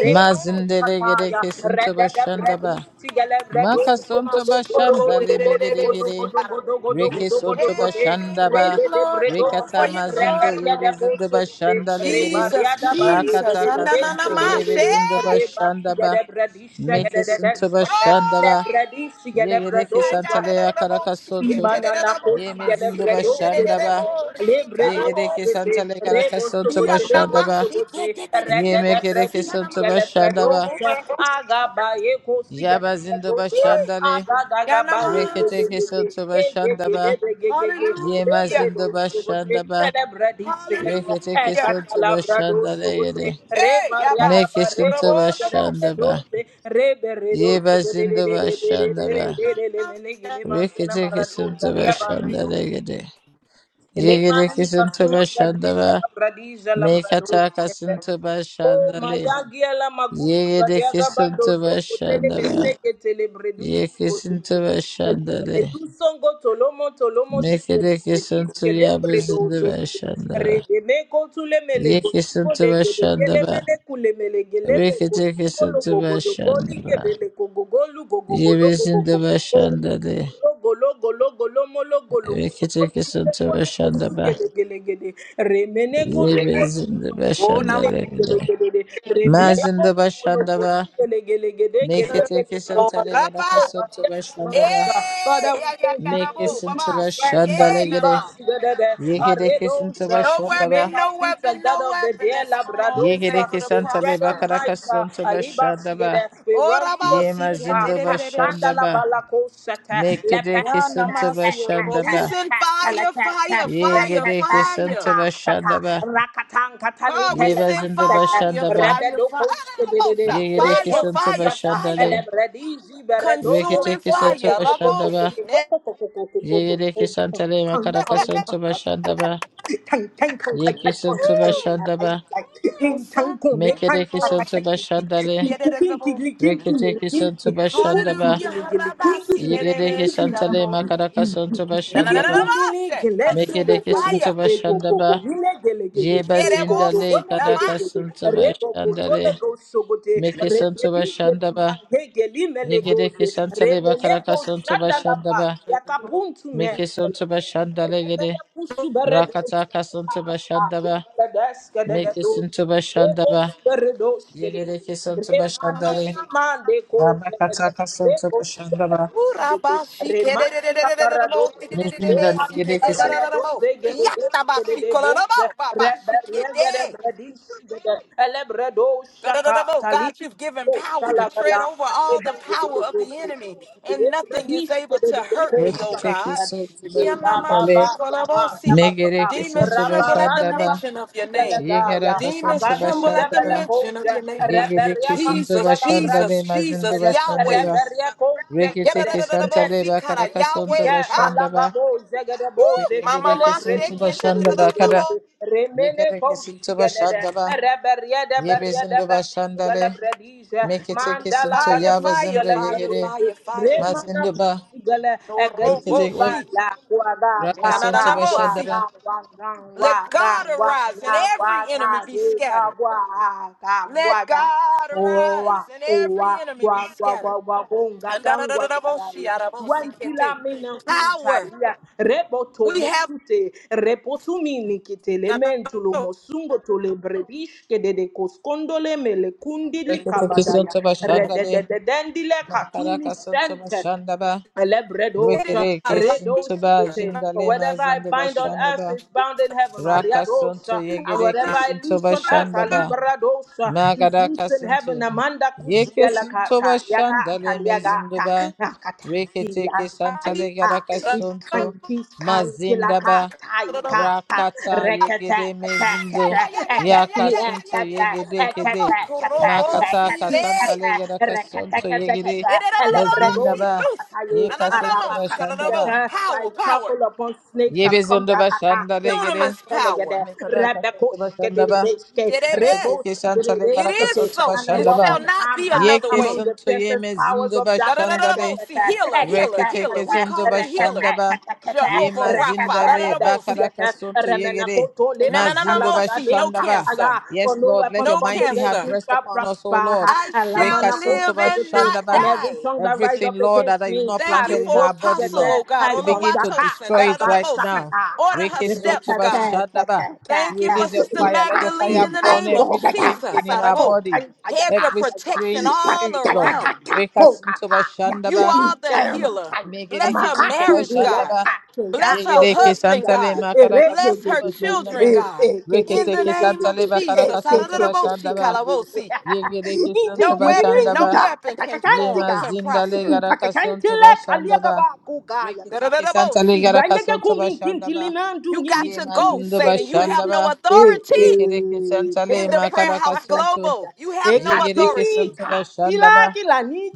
S1: repa
S2: Mazindele
S1: kataya
S2: gereke santo
S1: redede bredi
S2: bashandaba.
S1: sigele
S2: Makasunto bashandale megeregere.
S3: Hey,
S2: Reke soto bashanda
S3: for your
S2: ba.
S3: glory, Lord, for
S2: Rekata
S3: your glory,
S2: mazindo yebe
S3: Lord.
S2: zindo bashanda legere.
S3: Jesus, Jesus,
S2: Rakata kasunto yebe
S3: anananamashe.
S2: zindo bashanda ba. Meke sunto
S3: Oh,
S2: bashanda ba. Yegereke
S3: ya, ya,
S1: Imanana
S3: da, da,
S2: santaleya
S3: da, da, bo, shi, ke,
S2: karakasonto.
S3: te, de, de, da, bo,
S1: kos
S3: ma,
S2: Yeme
S3: ma, si,
S2: zindo
S3: kete te, de, de,
S2: bashanda
S1: gelebredo
S3: de,
S2: ba.
S3: bo, shi, ka, da,
S1: Lebredo
S3: bo,
S2: Yegereke
S3: si.
S1: Sigete,
S2: santale
S1: Rebo
S2: karakasonto
S3: Ya,
S1: Sobote,
S3: na,
S1: Lebo
S2: bashanda
S3: ma,
S2: ba.
S3: shi, ke,
S1: Sobote,
S3: te, te, de, de,
S1: Rada
S2: Yeme
S1: da
S3: bo,
S2: kereke
S3: si,
S1: Bradi,
S3: ya, na,
S2: sunto
S3: ma,
S2: bashanda
S3: ro,
S2: ba.
S3: bo, si.
S1: Galabradosa, Agabayeko
S2: Yaba zindo
S1: Sigalabradosa,
S3: Eh,
S2: bashandale.
S3: ya, na,
S1: Agagagabaye,
S3: si.
S2: Reketeke sunto bashanda ba.
S1: Egegege,
S2: Yema
S3: Hallelujah.
S1: Lebredo
S2: zindo
S1: Sobote,
S2: bashanda ba.
S1: Celebradi Sigata,
S3: Hallelujah.
S2: Reketekesintu
S1: Ecatalabrado
S2: bashanda legede.
S1: Sobote,
S3: Hey,
S1: Reba
S3: Yaba,
S1: Riada
S3: she could have
S1: Bareko
S2: Mekesintu
S3: won the most.
S2: bashanda ba.
S1: Sigalabradose, Reberedo
S2: Yebazindu bashanda
S1: Sigate,
S2: ba.
S1: Lele Melegileman,
S2: Reketekesintu
S1: Maradona,
S2: bashanda
S1: Liabaredo.
S2: legede.
S1: Lemani
S2: Yegedekesintu
S1: kasula
S2: bashanda
S1: bradisha
S2: ba.
S1: la bradisha la bradoshi kete.
S2: Mekatakasintu
S1: O
S2: bashanda le.
S1: mayagia la magusi baliaga
S2: Yegedekesintu
S1: bandozo kotele
S2: bashanda ba.
S1: meseke tele bredusi bodolo.
S2: Yekesintu bashanda le.
S1: Breduso ngo tolomo tolomo sikele bredis
S2: Mekedekesintu
S1: kele
S2: yabazindu
S1: bredozo bodolo.
S2: bashanda ba.
S1: Redeme kotule mele kosugo
S2: Yekesintu
S1: lege
S2: bashanda
S1: legele
S2: ba.
S1: mele kule mele gele me kosugo
S2: Reketekesintu
S1: logo logo
S2: bashanda
S1: lige
S2: ba.
S1: bele kogogolu gogogolo gogogo.
S2: Yebezinde başında de
S1: Golo golo golo molo golo molo golo
S2: rekete
S1: mele
S2: sunta
S1: golo kozu
S2: bashanda ba.
S1: gede gede gede remene golo golo
S2: Yebezinde
S3: Oh,
S1: mele
S3: Nama,
S1: gile
S2: başında
S1: gede
S2: de.
S1: gede gede remene
S2: Mazinde
S1: golo
S2: bashanda
S1: golo
S2: ba.
S1: molo
S2: Mekete sunta
S3: Lord,
S2: le
S3: Rabba.
S2: yaraka sınıfı
S1: molo
S2: bashanda ba.
S1: Father,
S3: Hey, ya,
S1: we
S3: ya,
S1: thank
S3: ya,
S1: you for
S2: Meke
S1: the
S3: Rabo,
S1: gift
S2: sınıfı
S3: Baba, CK,
S2: bashanda de gire.
S3: Nama.
S1: Rentalibasidede,
S2: Yekere sunta
S1: Aredosa.
S3: No
S1: You
S2: bashanda
S1: make
S2: ba.
S3: weapon,
S1: our
S3: no
S1: feet like
S3: weapon,
S1: that
S3: no
S1: of the
S3: weapon
S1: dear
S3: that's formed is able
S1: Labradosa.
S2: Yekere
S3: to
S1: We
S2: sunta
S1: tread
S2: le
S1: on
S3: prosper.
S2: bakaraka
S1: heights. uh,
S2: sınıfı bashanda ba.
S1: Alibasidede. We
S3: Oh,
S1: run to
S2: Ye
S3: Rabba,
S1: a
S3: CK,
S1: trooper.
S2: Yemazinde
S3: dededede,
S2: bashanda
S3: she.
S1: Asandala
S2: ba.
S1: balakosata.
S2: Mekete
S3: Ya, Nama,
S2: sunta
S3: see, Rabo.
S2: bashanda
S3: We
S2: ba.
S3: send fire, fire, fire,
S2: Yekere
S3: fire.
S2: sunta bashanda ba.
S1: Rakatan
S3: Oh,
S1: katanike
S3: we send
S2: Yebazinda
S3: fire,
S2: Bashandaba,
S1: lekasete.
S3: fire, fire. Ah, da, da, da, bo, sa.
S2: Yegedeki
S3: Fire,
S2: Santa
S3: fire, fire.
S2: Bashandale,
S3: Consuming
S2: Reketeki Santa
S3: fire. Rabo
S2: Bashandaba,
S3: she ne-
S2: Yegedeki Santale Makaraka Santa Bashandaba, Yeki Santa
S3: Woo!
S2: Bashandaba,
S3: Consum-
S2: Mekedeki
S3: oh,
S2: Santa
S3: shi-
S2: Bashandale,
S3: de- de- de- rabo.
S2: Reketeki Santa Bashandaba,
S3: Hallelujah. Harabasi. Ne- ne- me-
S2: Yegedeki
S3: shi-
S2: Santale
S3: rabo.
S2: Makaraka
S1: Thank
S2: Santa
S3: Na- na- na- na- na-
S2: Bashandaba,
S3: ma-
S1: Digingumbili
S3: she.
S1: gelendi go
S3: Consuming
S2: Mekedeki
S1: go go
S2: Santa
S3: fire.
S1: e go go go
S2: Bashandaba,
S1: mile gelegede
S3: She-
S1: e go
S3: rabo-
S1: do
S2: Yebazindale
S3: si-
S1: bone
S3: na-
S1: gede
S3: ma.
S2: Karaka
S1: gede
S2: Santa
S1: re go go tole
S2: Bashandale,
S1: go sogote
S2: Meke
S1: re
S2: Santa
S1: gedi geli ma
S2: Bashandaba,
S1: he geli mele
S2: Yegere
S1: goze re
S2: kesantale
S1: mele
S2: bakara
S1: go
S2: kasonto
S1: shanda la
S2: bashanda
S1: ba
S2: ba.
S1: yakapuntu me
S2: Meke sonto bashanda legere.
S1: Rebredo
S2: Rakata kasonto bashanda ba. Meke sonto bashanda ba. Yegere kesonto bashanda
S3: Na-
S2: le.
S3: shi.
S2: Rabakata kasonto bashanda ba.
S3: Woo, raba- shi- ke- de- de- de- de- de- de- de- rabo. Di- di- di- di- di-
S2: Mezinda
S3: be- si-
S2: legere
S3: ke- de- de- de-
S2: kesonto.
S3: de- rabo. Yatta- ba- shi- ko- la- rabo. Ba- ba- shi- ke- de.
S1: shaka
S3: Da-da-da-da-bo. God,
S1: tali
S3: you've given
S1: Agaduza
S3: power to tread over all the power of the enemy, and nothing is able to hurt me, oh
S2: Yekere
S3: God.
S2: kesonto bashanda le.
S3: Yanamashikorobosi.
S2: Megere
S3: Demons
S2: kesonto
S3: tremble at the
S2: bashanda ba.
S3: mention of your name.
S2: Yegere
S3: Demons
S2: kasonto
S3: tremble at
S2: bashanda
S3: the
S2: ba.
S3: mention of
S1: Belacoja,
S3: your name.
S2: Yegere
S1: Reberia
S2: kesonto
S3: Jesus,
S1: Casuga
S2: bashanda
S1: Labradi,
S3: Jesus,
S2: le. Mazindu
S3: Jesus,
S2: bashanda
S3: Yahweh.
S2: ba.
S1: Reberia Consegade,
S2: Reketeke Shantale
S3: Yadadadadadabosi
S1: Ready
S3: kara,
S2: Bakaraka Sonto
S1: Ziga,
S3: Yahweh. Ha.
S2: Bashandaba,
S1: Malagabo, Zegade
S3: Woo!
S1: Bose,
S3: My
S2: Yegereke
S3: mama
S2: Sonto
S3: shaking.
S1: Elevredus,
S2: Bashanda Bakara,
S1: Remene
S2: Yegereke Sinto
S1: Consigade,
S2: Bashandaba,
S1: Reberia de Beria de
S2: Yebezindo Bashandale,
S1: Galabradija,
S2: Meketeke
S1: Mandala
S2: Sinto
S3: Fire,
S1: Gadus
S3: fire,
S2: Yabazindo
S3: fire,
S2: Yegere,
S3: fire,
S1: Galabradus,
S3: fire.
S1: Remana
S2: Mazindo ba
S1: Pusigala,
S3: No robo
S2: Rekete
S1: Agaduba,
S2: was
S3: she.
S1: La Guaga,
S2: Raka
S3: Na, na,
S1: Guaga,
S3: na,
S2: Sonto
S3: na, mo, see.
S2: Bashandaba,
S1: Guaga, Guaga,
S3: Let
S1: Guaga,
S3: God arise and
S1: Guaga,
S3: every enemy
S1: Guaga,
S3: be
S1: Guaga,
S3: scattered.
S1: Guaga,
S3: Let
S1: Guaga.
S3: God
S1: Owa,
S3: arise and every
S1: owa,
S3: enemy be
S1: gwa, gwa,
S3: scattered.
S1: gwa, gwa, gonga,
S3: And da, da, da, da,
S1: gangwa,
S3: da, mo, she,
S1: dadayo.
S3: ah, da, mo, see, can't
S1: Wantila
S3: take.
S1: mena
S3: Power.
S1: kutaria rebo to
S3: We have
S1: mosute rebo tu mini
S3: da, da, da,
S1: kitelementu lo
S3: da, mo,
S1: mosungo to le brebish ke de de koskondole mele kundili
S2: Reketeke
S1: kabadaya
S2: Sonto
S1: rede de
S2: Bashandale,
S1: de katumi
S2: Makaraka Sonto
S1: sente
S2: Bashandaba,
S1: Elebredos,
S3: it is a
S2: Rekereke
S3: liar.
S1: redos,
S2: Sinto Ba
S1: For
S2: Jindale
S1: whatever I
S2: Mazondo
S1: bind on earth
S2: Bashandaba,
S1: is bound in heaven,
S2: Raka
S1: Mariados,
S2: Sonto
S3: You
S1: and
S3: want
S2: Yegereke
S1: whatever
S3: to
S1: I
S2: Sinto
S1: loose on earth,
S2: ba.
S3: pray?
S1: Alibrados, is
S2: Magadaka
S1: loose in heaven,
S2: Santo.
S1: Amanda
S2: Yeke Santo
S1: Kusigalakata, Yaka,
S2: Bashandale
S1: Taliagata,
S2: Mezinduba.
S1: Nakata,
S2: Reketeke
S1: Ilias
S3: I need
S2: Santale
S1: taika
S2: Gadaka
S3: Da,
S2: Santo.
S1: iskanki skanki laka
S2: Mazindaba.
S3: da, da,
S1: taika
S3: mo.
S1: ta
S2: Rakata
S1: rekete
S2: Yegede
S1: kete
S2: Mezindo.
S1: kete
S3: Yeah, yeah, yeah, yeah, yeah, yeah, yeah,
S2: Yaka
S3: yeah,
S1: ekefile
S3: yeah,
S2: Santo
S3: yeah, yeah,
S1: kete
S3: yeah,
S2: Yegede
S3: da, da, da,
S2: Kede.
S3: mo.
S1: ekete kete
S3: Korobo,
S2: Makata
S3: see,
S1: eketi
S3: lay.
S1: kete
S2: Kasantale Gadaka
S1: rekete
S2: Santo
S1: kete
S2: Yegede.
S1: kete elebrebo
S3: She's
S2: Mazindaba.
S3: loose.
S1: sakataye
S3: No, no,
S2: Yeka
S3: no, no,
S2: Santo
S3: no. She got a little
S2: Bashandaba.
S1: aramakasibete I
S3: power, power.
S1: trample upon snakes and come to
S2: Yebezundo
S1: akata
S2: Bashandale
S1: ukaka
S2: Gede.
S3: Dunamis power.
S2: Mekadaka Santo
S1: telegede and
S2: Bashandaba.
S3: Did it be?
S2: Reketeke Santale
S3: It
S2: Gadaka
S3: is
S2: Santo
S3: so.
S1: I
S3: It
S1: walk
S2: Bashandaba.
S3: shall not
S1: unharmed
S3: be
S1: uh,
S3: another
S2: Yeke
S1: among
S3: way.
S1: the
S2: santo yeme
S1: fiercest powers
S2: zindo
S1: of
S3: Da, da, da,
S1: darkness.
S3: da, da,
S2: bashandale.
S3: bo. See, healer, healer,
S2: Reketeke
S3: healer. We
S2: zondo
S3: call the healer
S2: bashandaba. Ye
S3: Jehovah Rapha. Da, da,
S2: mazindale
S3: da, bo. See,
S2: bakaraka sonto yegere.
S3: And na, na, na, na,
S2: Mazindo
S3: mo. See, no
S2: bashandaba.
S3: cancer,
S1: For
S2: Yes,
S1: no
S2: Lord, let
S1: weapon
S2: your
S3: no
S1: formed
S2: mighty hand
S1: against
S3: cancer.
S1: me
S2: rest
S1: shall
S2: upon us, O Lord.
S1: prosper.
S3: I shall
S2: Rekasonto
S3: live and not
S1: And
S2: bashandaba.
S1: and every
S3: die.
S1: tongue that rise
S2: Everything,
S1: up
S2: Lord,
S1: against
S2: that you've
S1: me,
S2: not
S3: Thank
S1: I
S3: you
S2: planted in
S3: for
S1: revolt
S2: our body,
S1: it.
S3: Apostle,
S2: Lord.
S3: oh God.
S1: I
S2: We begin to
S1: conjaka,
S3: Olawatosin.
S2: destroy
S3: Da, da,
S2: it
S3: da,
S1: takaba,
S3: da,
S2: right
S3: bo. See,
S2: now.
S1: sakataka,
S3: Order her
S2: Rekasonto
S3: steps, God.
S1: rekete, kete,
S2: bashandaba.
S3: Thank you for
S2: Release your
S3: Sister
S1: kete,
S2: fire. Let
S1: ika,
S2: your
S3: Magdalene
S2: fire
S3: in the
S2: burn
S1: ika,
S3: name of
S2: every strange
S1: ogata,
S3: Jesus.
S2: thing in
S1: kateka,
S2: our
S3: Sarabo.
S2: bodies.
S1: konkan,
S3: Hedge
S1: ayaka,
S3: of
S2: Every
S3: protection
S2: strange
S1: ta,
S3: all
S2: spirit,
S1: ta, ta,
S2: Lord.
S1: ta,
S3: around.
S1: ta, poka,
S2: Rekasonto
S1: pa, ya,
S3: You
S2: bashandaba.
S3: are the
S1: iya,
S3: healer.
S1: makai,
S3: Bless
S2: Megereke
S3: her
S1: makai,
S2: sunta
S3: marriage,
S1: tubile,
S2: bashanda
S3: God.
S2: ba.
S1: kate, ya,
S3: Bless her
S1: yoko,
S2: Yegereke
S3: husband,
S2: santa
S1: aya,
S2: le
S3: God.
S2: makaraka
S1: ere, ge,
S3: Bless
S2: sunta
S1: ge,
S3: her
S1: ge, ge,
S2: bashanda
S3: children,
S2: ba.
S1: e,
S3: God.
S1: e, ge, ge,
S3: In the
S1: ge,
S2: Reketeke
S1: ge,
S3: name
S1: ge,
S2: santa
S3: of
S1: ge,
S2: le
S1: e,
S2: bakaraka
S3: Jesus.
S1: ge,
S2: sunta
S1: ge, ge,
S3: Sarararaboshi
S2: bashanda ba.
S1: ge, ge,
S3: kalabosi.
S2: Yegereke
S1: Manakutu
S2: santa
S3: No weapon,
S2: bashanda
S3: no
S2: ba.
S3: weapon can form,
S2: Yema
S3: can
S2: zinda le
S3: prosper.
S2: garaka sunta bashanda ba. Reketeke santa le
S3: Darararaboshi.
S2: garaka sunta bashanda ba.
S3: You got to
S2: Yema
S3: go,
S2: zinda
S3: Satan. You have
S2: bashanda
S3: no
S2: ba.
S3: authority
S2: Yegereke santa le
S3: in the prayer
S2: makaraka
S3: house
S2: sunta.
S3: global. You have no
S2: Yegereke
S3: authority.
S2: santa bashanda ba.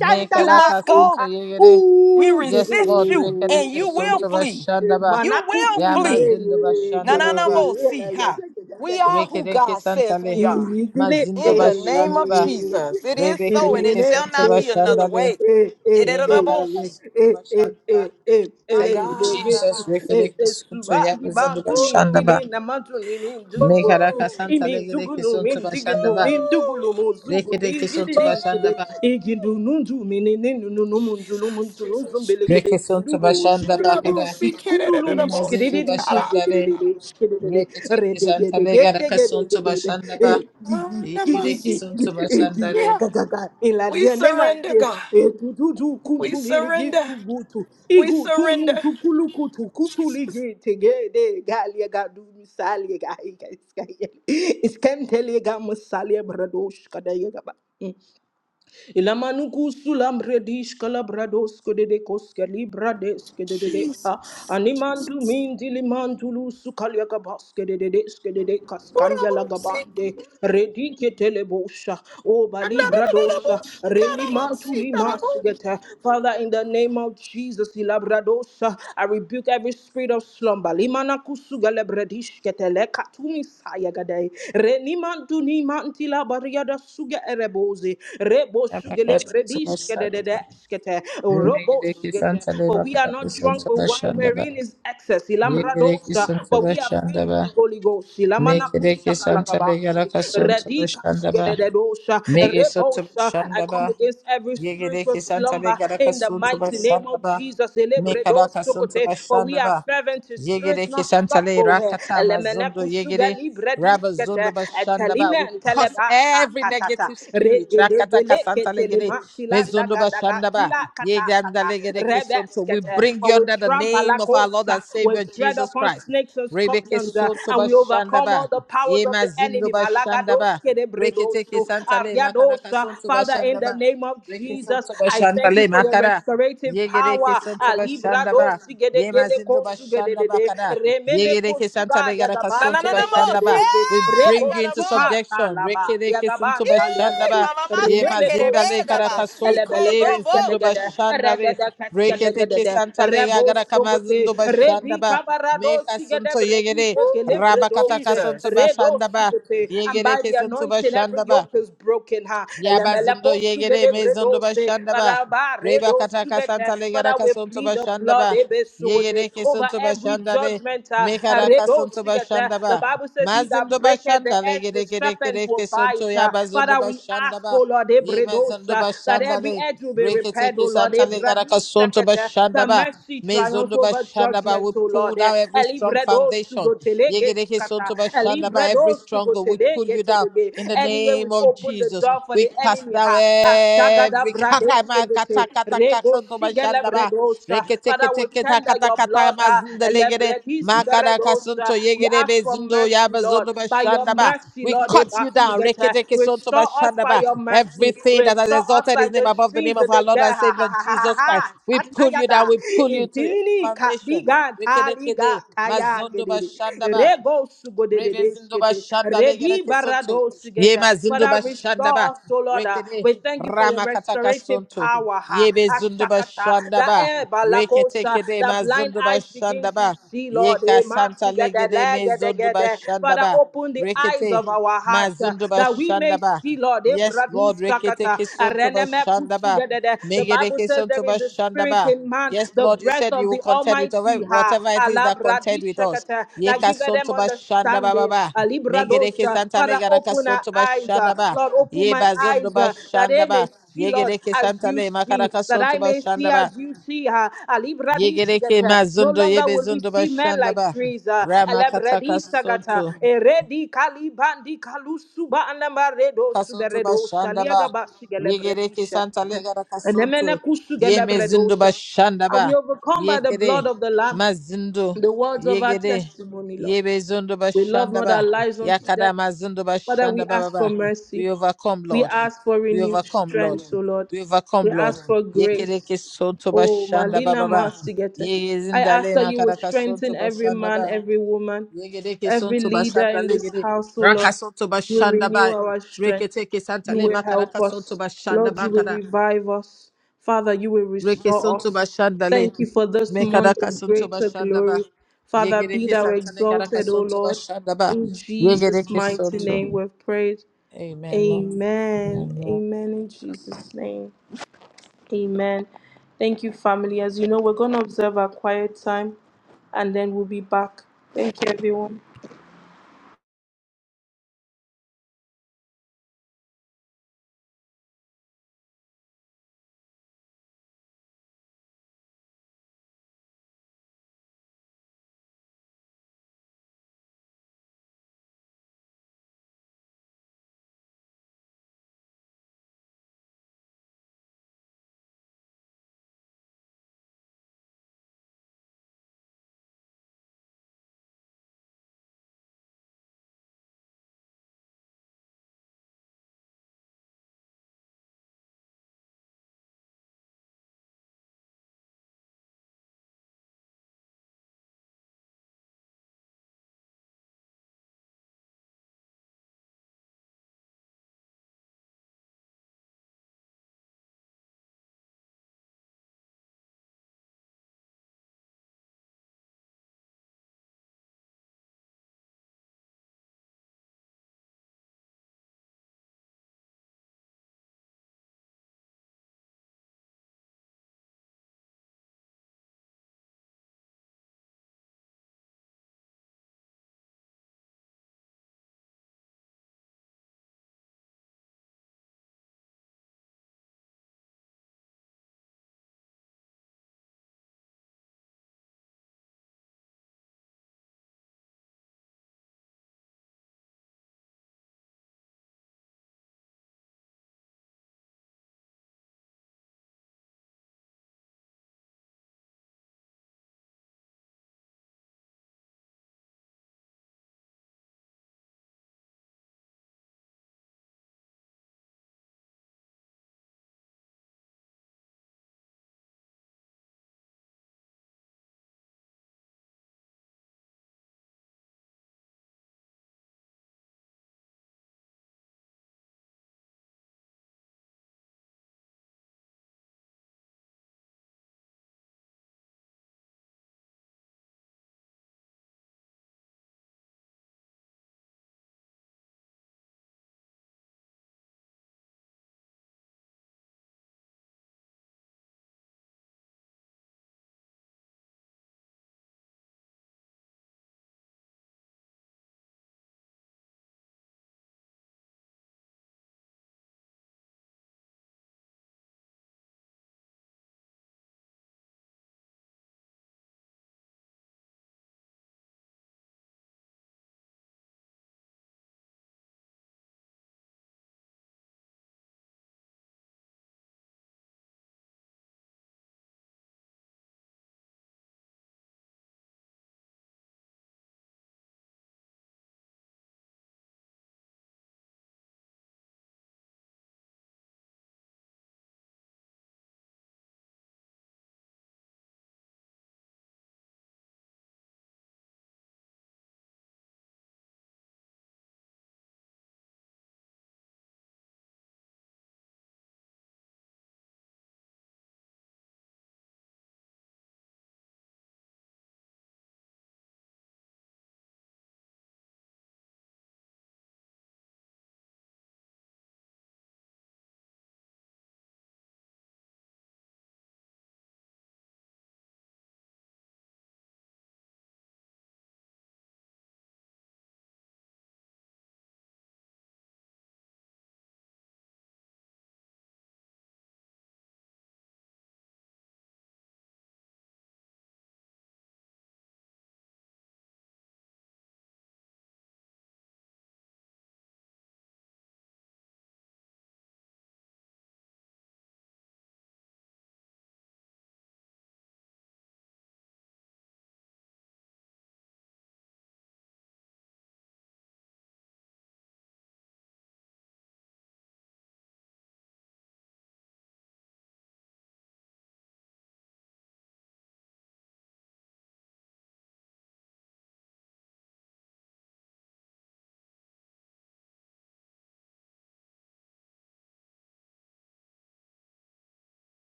S2: Me
S3: You
S2: karaka
S3: must go.
S2: sunta yegere.
S3: We
S2: Yes,
S3: resist
S2: Lord.
S3: you, and
S2: Rekereke
S3: you will
S2: sunta
S3: flee.
S2: bashanda ba.
S3: You will
S2: Ya
S1: mile
S3: flee.
S2: mazindo
S3: Na
S2: bashanda
S3: na
S2: baba
S3: na
S2: ba.
S3: mo see ha. We are who
S2: Rekedeke
S3: God says
S2: santale.
S3: we are.
S1: Igindu
S2: Mazindo
S3: In the name
S2: bashanda
S3: of
S2: ba.
S3: Jesus, it is so, and it
S2: Rebekedeke
S3: shall
S2: santo
S3: not be
S2: bashanda
S3: another
S2: le.
S3: way.
S2: Ye makaraka
S3: Yedidadaboshi.
S2: santo bashanda ba.
S3: My
S2: Thank you,
S3: God,
S2: Jesus.
S3: I see.
S2: Rekedeke santo ya mazindo bashanda
S3: Ooh,
S2: ba.
S3: ooh,
S2: Mekaraka
S3: ooh,
S2: santale gedeke santo bashanda ba. Rekedeke santo bashanda ba.
S3: ooh.
S1: nundu mini ninu nunu mundu
S3: Jesus,
S1: lumundu lumundu
S3: Jesus, Jesus.
S2: Reke santo
S1: lumundu
S2: bashanda ba kada.
S3: Yedidadaboshi,
S2: Ye
S1: de
S3: kidididadaboshi.
S2: mazindo
S1: de
S3: Ta-da.
S2: bashanda
S1: kuzigiriri
S2: le.
S1: de ishkiriri de.
S2: Reketeke
S1: redegede
S2: santale
S1: gete
S2: garaka
S1: gede
S2: santo
S1: gede de.
S2: bashanda ba.
S1: e gi
S3: Ah,
S1: gi
S2: Ye
S1: gi gi
S2: bideke
S1: gi
S3: namaste.
S1: gi
S2: santo
S1: e gi
S2: bashanda le.
S3: Yeah.
S1: ga ga ga.
S3: We
S1: ilaria ne
S3: surrender,
S1: mazde
S3: God.
S1: e tu tu tu
S3: We
S1: kuntu miligi
S3: surrender.
S1: tu gutu
S3: We
S1: Igu tu
S3: surrender.
S1: muntu kulu kutu kutu
S3: Jesus.
S1: ligi tege de Galia ga du misalia ga iga iska iska. Iskem telega masalia bradosh kadayega ba. e, Ilamanuku sulam redish kalabrados kedede koske libra deske dedede ha.
S3: Jesus.
S1: Animandu mindi limandulu sukalia gabas kedede deske dede kaskanya
S3: Urabusi.
S1: lagabande. Redi ketelebosha. O balibra dosha.
S3: Anadadadabushi.
S1: Reni
S3: Karabusi.
S1: mantuli
S3: Karabu.
S1: masigete. Father, in the name of Jesus, ilabradosa. I rebuke every spirit of slumber. Limanaku sugalebredish ketele katumi sayagadei mantuni mantila bariada suga erebozi rebo sugele brediske de de
S2: Yemeleki
S1: deskete robo sugete.
S2: Santa
S1: But
S2: Leba
S1: we are
S2: Karapi
S1: not drunk
S2: Santa
S1: with wine
S2: Bashandaba.
S1: wherein is excess.
S2: Yemeleki
S1: Ilambradosa,
S2: Santa
S1: but we are filled with the
S2: Bashandaba.
S1: Holy Ghost. Ilamana
S2: Mekeleki Santa
S1: kushakalakabati
S2: Legaraka Santa
S1: radika sugede
S2: Bashandaba.
S1: de dosa
S2: Mege Santa
S1: rebosa. I come
S2: Bashandaba.
S1: against every spiritual
S2: Yegeleki Santa
S1: slumber
S2: Legaraka
S1: in the
S2: Santa
S1: mighty name of
S2: Bashandaba.
S1: Jesus.
S2: Mekaraka Santa
S1: Elebredosukote. For we are
S2: Bashandaba.
S1: fervent in spirit,
S2: Yegere
S1: not
S2: Keshantale
S1: bohe
S2: Rakatama
S1: elemene
S2: Zondo
S1: kusuga
S2: Yegere
S1: libre
S2: Rabba
S1: diskete
S2: Zondo Bashandaba.
S1: etelime
S2: We curse
S1: enteleba ta
S2: every
S1: ta ta ta
S2: negative spirit. Rakata
S1: regedegele
S2: Kasantale Gere
S1: ketelema tila
S2: Mezondo
S1: daga daga
S2: Bashandaba.
S1: kila kata kata
S2: Yegandale Gere Kesonto. We
S1: rebeskete
S2: bring
S1: and
S2: you
S1: we
S2: under the
S1: trample
S2: name
S1: like
S2: of our Lord
S1: osa
S2: and
S1: we
S2: Savior
S1: tread
S2: Jesus
S1: upon
S2: Christ.
S1: snakes and
S2: Rebeke
S1: scorpions uh,
S2: Sonto
S1: and we overcome all
S2: Bashandaba.
S1: the powers of
S2: Yema
S1: the
S2: Zindo
S1: enemy malagados
S2: Bashandaba. Rekete
S1: kedebredoso
S2: Kesantale Makaraka
S1: ariadosa
S2: Sonto
S1: father in the
S2: Bashandaba.
S1: name of
S2: Reke
S1: Jesus
S2: Sonto
S1: I thank you
S2: Bashandale
S1: for your
S2: Makara.
S1: restorative
S2: Yegere Kesonto
S1: power libra do
S2: Bashandaba.
S1: sigede
S2: Ye
S1: gele
S2: mazindo
S1: ko sugede
S2: bashanda
S1: de de
S2: bakada.
S1: remene
S2: Ye
S1: ko
S2: reke santa
S1: suga de
S2: legara
S1: gaban
S2: kasunto
S1: dele gade
S2: bashanda ba.
S3: Nanananamoshe.
S1: doze
S2: We
S1: rebo
S2: bring you into
S1: suka
S3: Yarabo.
S2: subjection. Reke
S1: talaba ya
S2: reke
S1: gaban
S2: sunto
S1: talia
S2: bashanda
S3: Yee.
S1: gade
S2: ba. Ye
S3: Mamamashe.
S1: remene ko
S2: mazinda
S3: Kerebeda.
S2: legara
S1: sugede
S3: Basi.
S1: ele
S2: kasunto. Ye
S1: geske de
S2: mazindo
S1: gede
S3: Koloboshi.
S2: bashanda
S1: rede
S2: le.
S1: de keske de
S2: Reke
S1: gede
S2: reke
S1: de
S2: santa
S1: rebo
S2: legara
S1: sugote
S2: kamazindo
S1: redi
S2: bashanda ba.
S1: kabara do
S2: Me
S1: sigede
S2: kasunto ye
S1: bredi gele
S3: Ooh.
S2: Rabakata
S1: bredoze
S2: kasunto
S3: Jesus.
S1: redo
S2: bashanda ba.
S1: sugete
S2: Ye
S1: and by
S2: reke
S1: the
S2: sunto
S1: anointing every
S2: bashanda ba.
S1: yoke is broken ha ele mele
S2: Yabazundo
S1: ko
S2: yegere
S1: sugede
S2: mezondo
S1: redose,
S2: bashandaba.
S1: baraba
S2: Reba kataka
S1: redosigete.
S2: santa
S1: Father,
S2: legara
S1: we
S2: kasonto
S1: plead the blood
S2: bashandaba.
S1: ebesuote,
S2: Yegere
S1: over
S2: kesonto
S1: every
S2: bashandale.
S1: judgment. uh, uh,
S2: Mekara kasonto
S1: redosigete. The
S2: bashandaba.
S1: Bible says, He that
S2: Mazindo
S1: breaketh the
S2: bashanda
S1: edge, the
S2: legere gere
S1: serpent
S2: gere
S1: will
S2: kesonto
S1: bite. uh.
S2: yabazundo
S1: Father, we ask,
S2: bashandaba.
S1: O Lord,
S2: Ye mezondo
S1: ebredosa, that every
S2: bashandale.
S1: edge will be
S2: Rekete
S1: repaired, O Lord,
S2: kesanta legara kasonto
S1: sekete. The
S2: bashandaba.
S1: mercy triumphs
S2: Mezondo
S1: over
S2: bashandaba.
S1: judgment,
S2: We
S1: O
S2: pull
S1: Lord. Eh,
S2: down every strong
S1: Elibredo
S2: foundation.
S1: sugotelege
S2: Yegere
S1: skata.
S2: kesonto bashandaba. Every
S1: Elibredo
S2: stronghold. We pull
S1: sugotelege
S2: you down
S1: telebe.
S2: in the
S1: Anywhere
S2: name
S1: we've
S2: of
S1: opened the
S2: Jesus.
S1: door for the
S2: We cast
S1: enemy,
S2: down
S1: ha. Ashagada
S2: every
S1: brade
S2: katama
S1: segete.
S2: kata kata
S1: Rego
S2: kaksanto bashandaba.
S1: shigelebredosa.
S2: Reke teke
S1: Father, we
S2: teke
S1: tender
S2: takata
S1: your
S2: kata
S1: blood, ha.
S2: mazindelegere.
S1: Elebredisi
S2: Makada
S1: beredosa.
S2: kasunto
S1: We
S2: yegere
S1: ask for
S2: bezundo
S1: mercy, Lord.
S2: yabazondo
S1: By your
S2: bashandaba.
S1: mercy,
S2: We
S1: Lord, eh,
S2: cut you down. Reke
S1: basigete.
S2: teke sonto
S1: restore us by
S2: bashandaba.
S1: your mercy.
S2: Everything that has
S1: Restore us
S2: exalted his
S1: like
S2: name
S1: the
S2: above the name
S1: streams
S2: of
S1: of
S2: our
S1: the
S2: Lord
S1: dead.
S2: and Savior
S1: ha
S2: Jesus Christ.
S1: ha
S2: We pull you down.
S1: Atayada.
S2: We pull you to the
S1: Intinini ka
S2: foundation.
S1: biga
S2: Reke teke
S1: taliga
S2: de
S1: taya
S2: mazondo
S1: gedede.
S2: bashandaba.
S1: Rego
S2: Rebe zindo ba
S1: sugodedeskete.
S2: shanda le gere
S1: Redi
S2: kesonto.
S1: barado sugeta.
S2: Yema zindo
S1: Father,
S2: ba shanda ba.
S1: restore us, O Lord. ah.
S2: Rekede
S1: We thank you for your
S2: rama kataka
S1: restorative
S2: sonto.
S1: power. ha.
S2: Yebe zindo ba
S1: Ashakata.
S2: shanda
S1: The
S2: ba.
S1: air
S2: Rekete
S1: balakosa.
S2: kede
S1: The
S2: ma
S1: blind
S2: zindo ba
S1: eyes begin
S2: shanda
S1: to
S2: ba.
S1: see, Lord.
S2: Yeka
S1: Eh,
S2: santa
S1: masigede,
S2: legede me zindo ba
S1: legedegede.
S2: shanda
S1: Father,
S2: ba.
S1: open the eyes
S2: Rekete
S1: of our
S2: ma
S1: hearts ah,
S2: zindo ba
S1: that we
S2: shanda
S1: may
S2: ba.
S1: see, Lord. Eh,
S2: Yes,
S1: bradu
S2: Lord, rekete
S1: sakata.
S2: kesonto ba
S1: Areneme
S2: shanda ba.
S1: kutsugedede. The
S2: Megede
S1: Bible says
S2: kesonto
S1: there
S2: ba
S1: is a
S2: shanda
S1: spirit
S2: ba.
S1: in man,
S2: Yes,
S1: the
S2: Lord, you
S1: breath
S2: said you
S1: of
S2: will
S1: the
S2: contend with whatever
S1: Almighty, ha,
S2: whatever it is that contend with us.
S1: alabradishakata, that
S2: Yeka
S1: giveth them
S2: sonto ba shanda ba ba
S1: understanding.
S2: ba. Megereke
S1: Alibradosa.
S2: santa
S1: Father,
S2: legara ka
S1: open our
S2: sonto ba
S1: eyes, uh,
S2: shanda ba.
S1: Lord, open
S2: Ye
S1: my
S2: ba zondo
S1: eyes
S2: ba
S1: uh, that
S2: shanda
S1: they may
S2: ba.
S1: see, Lord,
S2: Yegereke
S1: as
S2: santa
S1: you
S2: le makara
S1: see, that
S2: sonto
S1: I
S2: ba
S1: may see
S2: shanda ba.
S1: as you see. ha,
S2: Yegereke
S1: alibradisigata.
S2: ma
S1: No
S2: zondo ye
S1: longer
S2: be
S1: will we
S2: zondo ba
S1: see men
S2: shanda
S1: like
S2: ba.
S1: trees. uh,
S2: Rama kataka
S1: alabradisagata,
S2: sonto.
S1: Eredi kalibandi kalusuba redo
S2: Kasuntu
S1: suberedo
S2: Bashandaba.
S1: saliaga ba sigele
S2: Yegereke
S1: bredisha.
S2: Santa Legara
S1: And emene
S2: Kasuntu. Ye Mezindo
S1: kusugelebredosa. And we
S2: Bashandaba.
S1: overcome by the blood
S2: Yekere
S1: of the Lamb,
S2: Mazindo.
S1: the words of our
S2: Yegere.
S1: testimony, Lord.
S2: Ye Bezundo
S1: We love not our
S2: Bashandaba.
S1: lives unto
S2: Yakada
S1: death.
S2: Mazindo
S1: Father, we
S2: Bashandaba
S1: ask for
S2: Baba.
S1: mercy.
S2: We overcome,
S1: We
S2: Lord.
S1: ask for
S2: We
S1: renewed
S2: overcome, Lord.
S1: strength, O Lord.
S2: We overcome,
S1: We
S2: Lord.
S1: ask for
S2: Yekereke
S1: grace.
S2: Suntu
S1: Oh,
S2: Bashandaba
S1: Malina
S2: Baba.
S1: Masigete.
S2: Ye
S1: I ask that you will
S2: Makara
S1: strengthen
S2: Kasuntu
S1: every man,
S2: Bashandaba.
S1: every woman.
S2: Yegede ke
S1: Every
S2: sonto
S1: leader
S2: bashanda
S1: in this
S2: legede.
S1: house, oh
S2: Raka
S1: Lord,
S2: sonto
S1: you will
S2: bashanda
S1: renew
S2: ba.
S1: our strength.
S2: Rekete ke santa
S1: You
S2: le
S1: will help
S2: makaraka sonto
S1: us.
S2: bashanda
S1: Lord, you will
S2: bakara.
S1: revive us. Father, you will
S2: Reke
S1: restore
S2: sonto
S1: us.
S2: bashanda le.
S1: Thank you for this month
S2: Mekaraka
S1: of
S2: sonto
S1: greater
S2: bashanda ba.
S1: glory. Father,
S2: Yegede
S1: be
S2: ke
S1: thou
S2: santa le karaka
S1: exalted, O
S2: sonto
S1: Lord.
S2: bashanda ba.
S1: In
S2: Yegede
S1: Jesus'
S2: ke
S1: mighty
S2: sonto.
S1: name we've prayed.
S2: Amen, Lord.
S1: Amen.
S2: Amen, Lord.
S1: Amen. In Jesus' name. Amen. Thank you, family. As you know, we're going to observe our quiet time and then we'll be back. Thank you, everyone.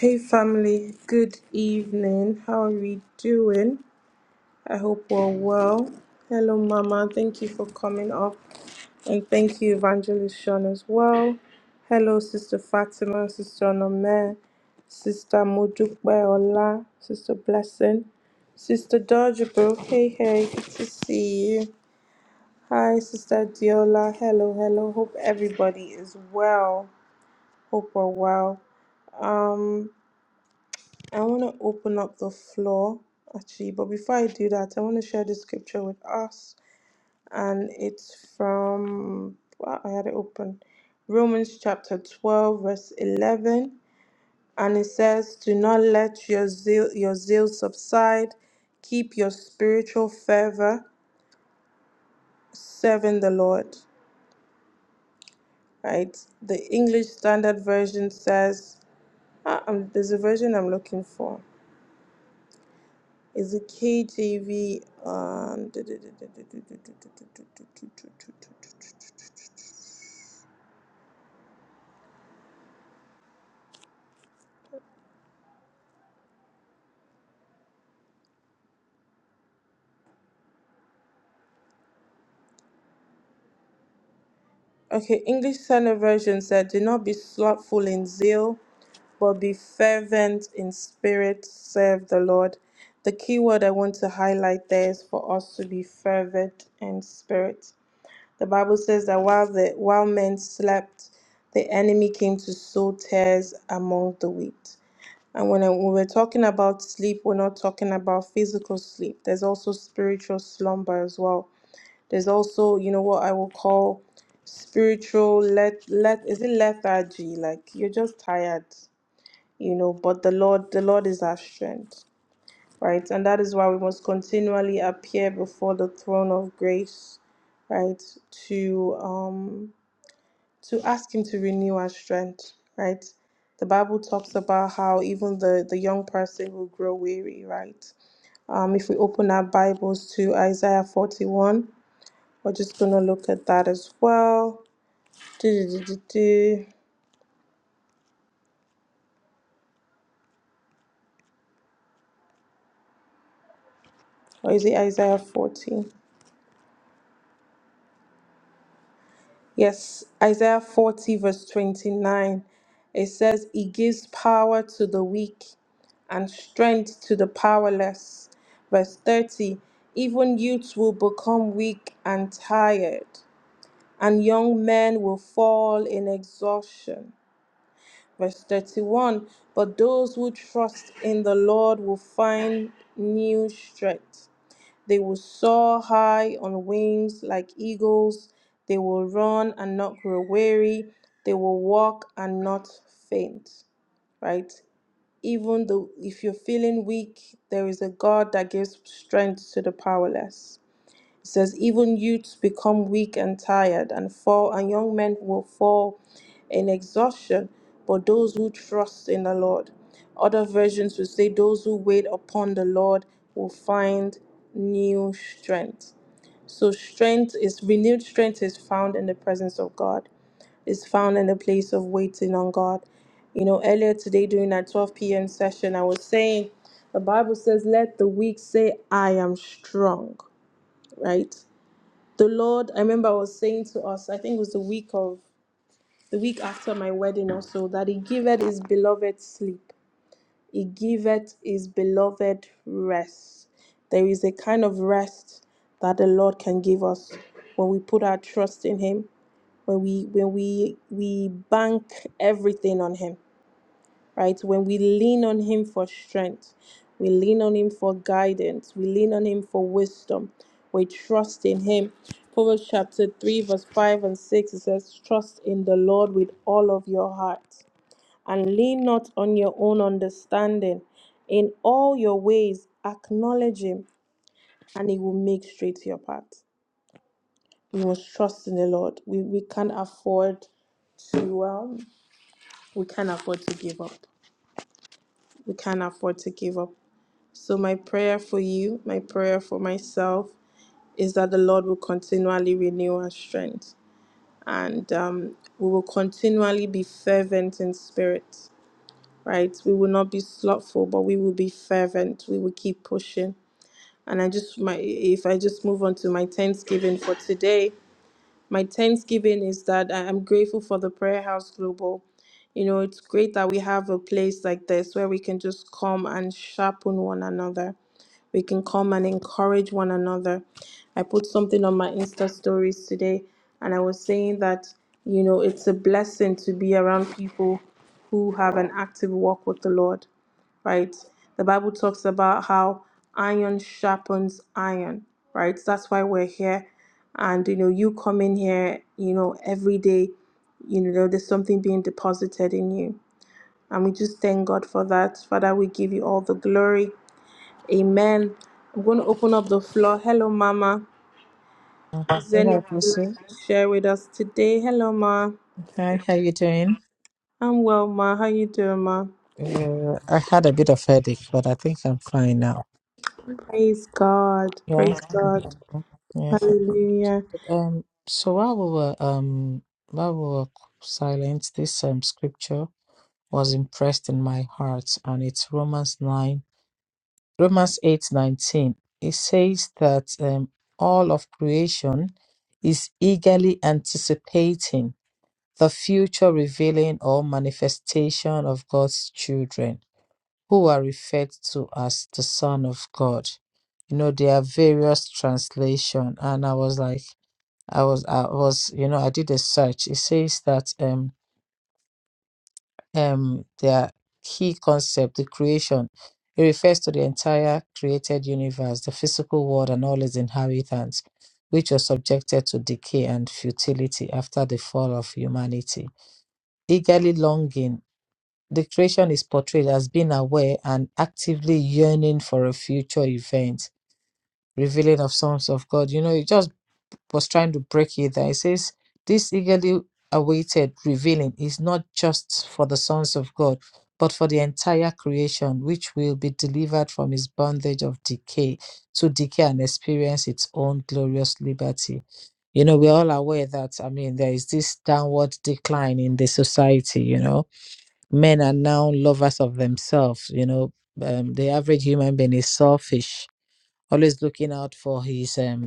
S1: Hey family, good evening. How are we doing? I hope we're well. Hello, Mama. Thank you for coming up. And thank you, Evangelist Sean, as well. Hello, Sister Fatima, Sister Onome, Sister Modupe Ola, Sister Blessing, Sister Dodgebro. Hey, hey, good to see you. Hi, Sister Diola. Hello, hello. Hope everybody is well. Hope we're well. Um, I want to open up the floor actually, but before I do that, I want to share the scripture with us, and it's from well, I had it open Romans chapter 12, verse 11, and it says, Do not let your zeal, your zeal subside, keep your spiritual fervor, serving the Lord. Right? The English Standard Version says, ah, um, there's a version I'm looking for. Is it KJV? Um, okay, English Standard Version said, Do not be slothful in zeal, but be fervent in spirit, serve the Lord. The key word I want to highlight there is for us to be fervent in spirit. The Bible says that while the while men slept, the enemy came to sow tares among the wheat. And when I- when we're talking about sleep, we're not talking about physical sleep. There's also spiritual slumber as well. There's also, you know, what I will call spiritual let let is it lethargy? Like you're just tired, you know. But the Lord, the Lord is our strength, right? And that is why we must continually appear before the throne of grace, right? To um to ask him to renew our strength right the bible talks about how even the the young person will grow weary right um if we open our bibles to isaiah 41 we're just going to look at that as well Do, do, do, do, do. or is it isaiah 40 Yes, Isaiah 40, verse 29. It says, He gives power to the weak and strength to the powerless. Verse 30. Even youths will become weak and tired, and young men will fall in exhaustion. Verse 31. But those who trust in the Lord will find new strength. They will soar high on wings like eagles. They will run and not grow weary. They will walk and not faint. Right? Even though if you're feeling weak, there is a God that gives strength to the powerless. It says, Even youths become weak and tired and fall, and young men will fall in exhaustion, but those who trust in the Lord. Other versions will say, Those who wait upon the Lord will find new strength. So, strength is renewed strength is found in the presence of God, is found in the place of waiting on God. You know, earlier today during our 12 p.m. session, I was saying, the Bible says, Let the weak say, I am strong, right? the Lord, I remember I was saying to us, I think it was the week of the week after my wedding also, that He giveth His beloved sleep. He giveth His beloved rest. There is a kind of rest that the Lord can give us when we put our trust in Him, when we when we we bank everything on Him right? When we lean on Him for strength, we lean on Him for guidance, we lean on Him for wisdom, we trust in Him. Proverbs chapter 3, verse 5 and 6 it says, Trust in the Lord with all of your heart and lean not on your own understanding. In all your ways, acknowledge Him and He will make straight your path. We must trust in the Lord. We, we can't afford to um, we can't afford to give up. We can't afford to give up. So, my prayer for you, my prayer for myself, is that the Lord will continually renew our strength and um, we will continually be fervent in spirit, right? We will not be slothful, but we will be fervent. We will keep pushing. And I just, my, if I just move on to my thanksgiving for today, my thanksgiving is that I- I'm grateful for the Prayer House Global. You know, it's great that we have a place like this where we can just come and sharpen one another. We can come and encourage one another. I put something on my Insta stories today and I was saying that, you know, it's a blessing to be around people who have an active walk with the Lord right? The Bible talks about how iron sharpens iron, right? So That's why we're here. And you know, you come in here, you know, every day, you know, there's something being deposited in you. And we just thank God for that. Father, we give you all the glory. Amen. I'm going to open up the floor. Hello, Mama. Is there anything
S2: Hello,
S1: you'd
S2: Pastor.
S1: like to share with us today? Hello, Ma.
S2: Hi, how you doing?
S1: I'm well, Ma. How you doing, Ma?
S2: Uh, I had a bit of headache, but I think I'm fine now.
S1: Praise God.
S2: Yeah.
S1: Praise God.
S2: Mhm. Yes.
S1: Hallelujah.
S2: Um, so while we were um while we were silent, this um scripture was impressed in my heart, and it's Romans nine, Romans eight nineteen. It says that um all of creation is eagerly anticipating the future revealing or manifestation of God's children, who are referred to as the Son of God. You know, there are various translation, and I was like. I was I was you know I did a search. It says that um um their key concept, the creation, it refers to the entire created universe, the physical world, and all its inhabitants, which was subjected to decay and futility after the fall of humanity. Eagerly longing, the creation is portrayed as being aware and actively yearning for a future event, revealing of sons of God. You know, it just was trying to break you there. It says, This eagerly awaited revealing is not just for the sons of God, but for the entire creation, which will be delivered from its bondage of decay to decay and experience its own glorious liberty. You know, we're all aware that, I mean, there is this downward decline in the society, you know. Men are now lovers of themselves, you know. Um, the average human being is selfish, always looking out for his um,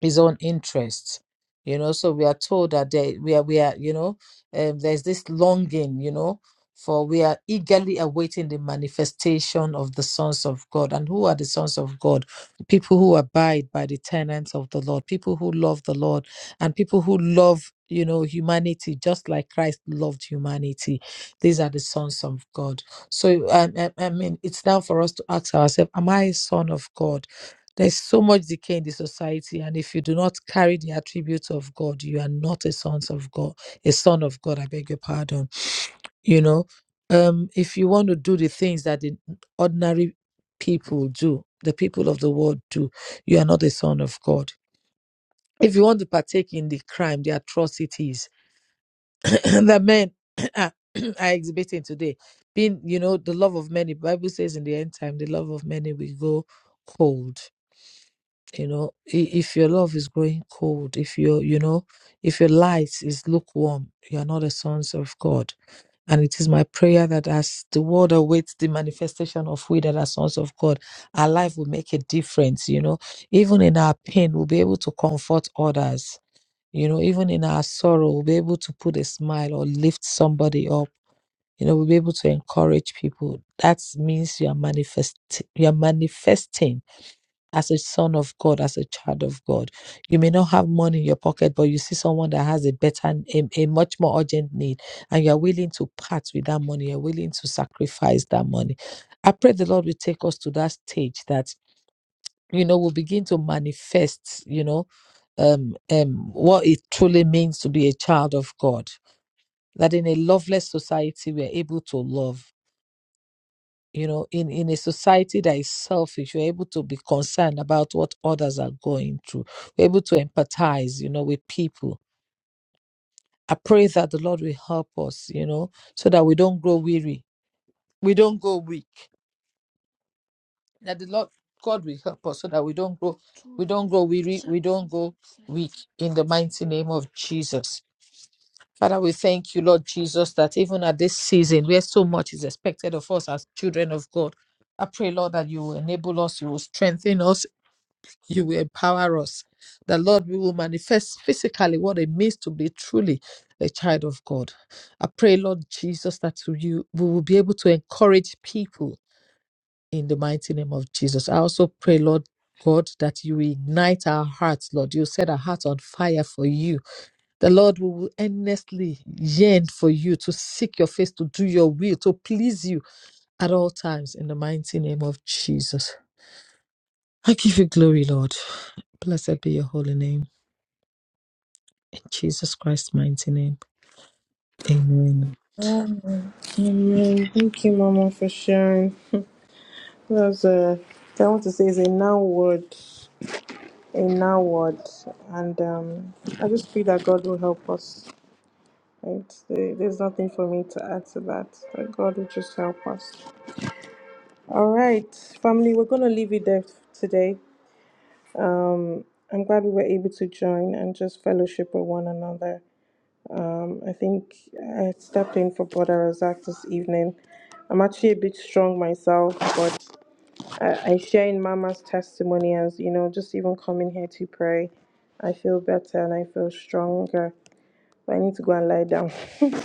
S2: his own interests you know so we are told that there, we are we are you know um, there's this longing you know for we are eagerly awaiting the manifestation of the sons of god and who are the sons of god people who abide by the tenets of the lord people who love the lord and people who love you know humanity just like christ loved humanity these are the sons of god so um, i, I mean it's now for us to ask ourselves am i a son of god there's so much decay in the society, and if you do not carry the attributes of God, you are not a son of God. A son of God, I beg your pardon. You know, um, if you want to do the things that the ordinary people do, the people of the world do, you are not a son of God. If you want to partake in the crime, the atrocities that men are are exhibiting today, being, you know, the love of many, the Bible says in the end time, the love of many will go cold you know i- if your love is growing cold if your you know if your light is lukewarm you are not the sons of god and it is my prayer that as the world awaits the manifestation of we that are sons of god our life will make a difference you know even in our pain we'll be able to comfort others you know even in our sorrow we'll be able to put a smile or lift somebody up you know we'll be able to encourage people that means you are manifest you are manifesting as a son of God, as a child of God. You may not have money in your pocket, but you see someone that has a better, a, a much more urgent need, and you're willing to part with that money, you're willing to sacrifice that money. I pray the Lord will take us to that stage that, you know, we'll begin to manifest, you know, um, um, what it truly means to be a child of God. That in a loveless society, we're able to love you know in in a society that is selfish you're able to be concerned about what others are going through we are able to empathize you know with people i pray that the lord will help us you know so that we don't grow weary we don't go weak that the lord god will help us so that we don't grow we don't grow weary we don't go weak in the mighty name of jesus Father, we thank you, Lord Jesus, that even at this season where so much is expected of us as children of God, I pray, Lord, that you will enable us, you will strengthen us, you will empower us. the Lord, we will manifest physically what it means to be truly a child of God. I pray, Lord Jesus, that to you we will be able to encourage people in the mighty name of Jesus. I also pray, Lord God, that you will ignite our hearts, Lord. You set our hearts on fire for you. The Lord we will earnestly yearn for you to seek your face, to do your will, to please you at all times in the mighty name of Jesus. I give you glory, Lord. Blessed be your holy name. In Jesus Christ's mighty name. Amen.
S1: Amen. Amen. Thank you, Mama, for sharing. That's a, I want to say is a now word, a now word, and um, I just pray that God will help us. Right? There- There's nothing for me to add to that. That God will just help us. All right, family, we're gonna leave it there today. I'm glad we were able to join and just fellowship with one another. Um, I think I stepped in for Brother Razak this evening. I'm actually a bit strong myself, I, I share in Mama's testimony as you know, just even coming here to pray, I feel better and I feel stronger. But I need to go and lie down.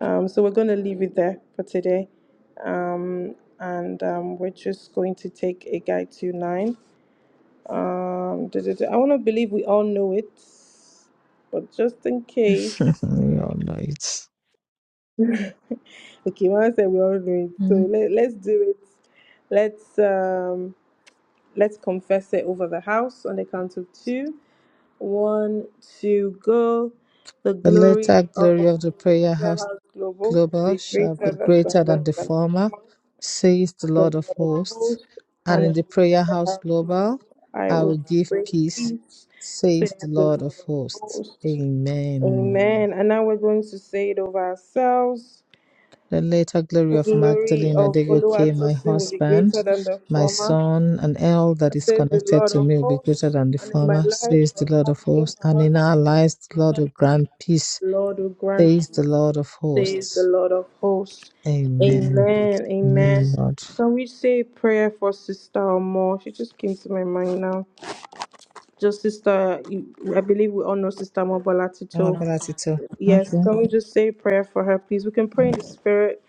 S1: um, so we're going to leave it there for today, um, and um, we're just going to take a guide to nine. Um, duh, duh, duh. I want to believe we all know it, but just in case.
S2: We all know it.
S1: okay, Mama said we all know it, so
S2: Mm.
S1: let, let's do it. Let's. Um, Let's confess it over the house on the count of two. One, two, go. The
S2: The
S1: glory
S2: latter glory
S1: of
S2: of the prayer
S1: Prayer
S2: house
S1: House Global
S2: global
S1: be
S2: shall be
S1: greater than the
S2: greater than
S1: left
S2: the
S1: than the
S2: former,
S1: Amen.
S2: says the
S1: The
S2: Lord of
S1: Lord of
S2: hosts.
S1: hosts
S2: And
S1: and
S2: in
S1: in
S2: the prayer
S1: Prayer
S2: house
S1: House
S2: global,
S1: Global, I
S2: I will
S1: will
S2: give
S1: bring
S2: peace,
S1: peace, says
S2: says the
S1: the
S2: Lord
S1: Lord
S2: of
S1: of
S2: hosts.
S1: hosts.
S2: Amen.
S1: Amen. And now we're going to say it over ourselves.
S2: The later glory
S1: The
S2: of
S1: glory
S2: Magdalene
S1: of
S2: Adegoke, my
S1: Oluwatosin will be
S2: husband,
S1: greater than the
S2: my
S1: former.
S2: son, and all that
S1: I
S2: is
S1: says the
S2: connected
S1: Lord
S2: to
S1: of
S2: me will be greater
S1: hosts,
S2: than the
S1: and in my
S2: former,
S1: life,
S2: says
S1: my
S2: the Lord of
S1: family,
S2: hosts.
S1: my
S2: And
S1: husband,
S2: in our lives,
S1: my
S2: the Lord will
S1: sanity,
S2: grant peace,
S1: the Lord will grant
S2: says the
S1: it,
S2: Lord of
S1: says the
S2: hosts.
S1: Lord of hosts.
S2: Amen.
S1: Amen, amen.
S2: Amen, Lord.
S1: Can we say a prayer for Sister Omo? She just came to my mind now. Just Sister, you- I believe we all know Sister Omo
S2: Ah,
S1: Bolatito.
S2: Gratitude.
S1: Yes,
S2: Okay.
S1: can we just say a prayer for her, please? We can pray in the spirit.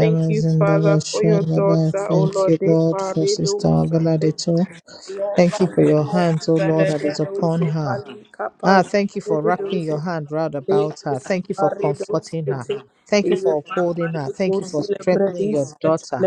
S1: Thank you, Father, for your daughter, O
S2: Thank
S1: Lord,
S2: you,
S1: de
S2: Lord, for Sister
S1: parido sante.
S2: Abeladito.
S1: Lord,
S2: Thank you for
S1: Mother,
S2: your
S1: Lord,
S2: hands, O Lord, that
S1: Belede,
S2: is upon
S1: Dose,
S2: her.
S1: Pali,
S2: Ah,
S1: Kapaz,
S2: thank you for
S1: Bede,
S2: wrapping
S1: Dose,
S2: your hand round about her.
S1: Lekos,
S2: Thank you for
S1: Parido,
S2: comforting her.
S1: Skete,
S2: Thank you for
S1: Eve, Mama,
S2: upholding her. Thank you
S1: Lekos,
S2: for strengthening your
S1: Lebredis, Et,
S2: daughter.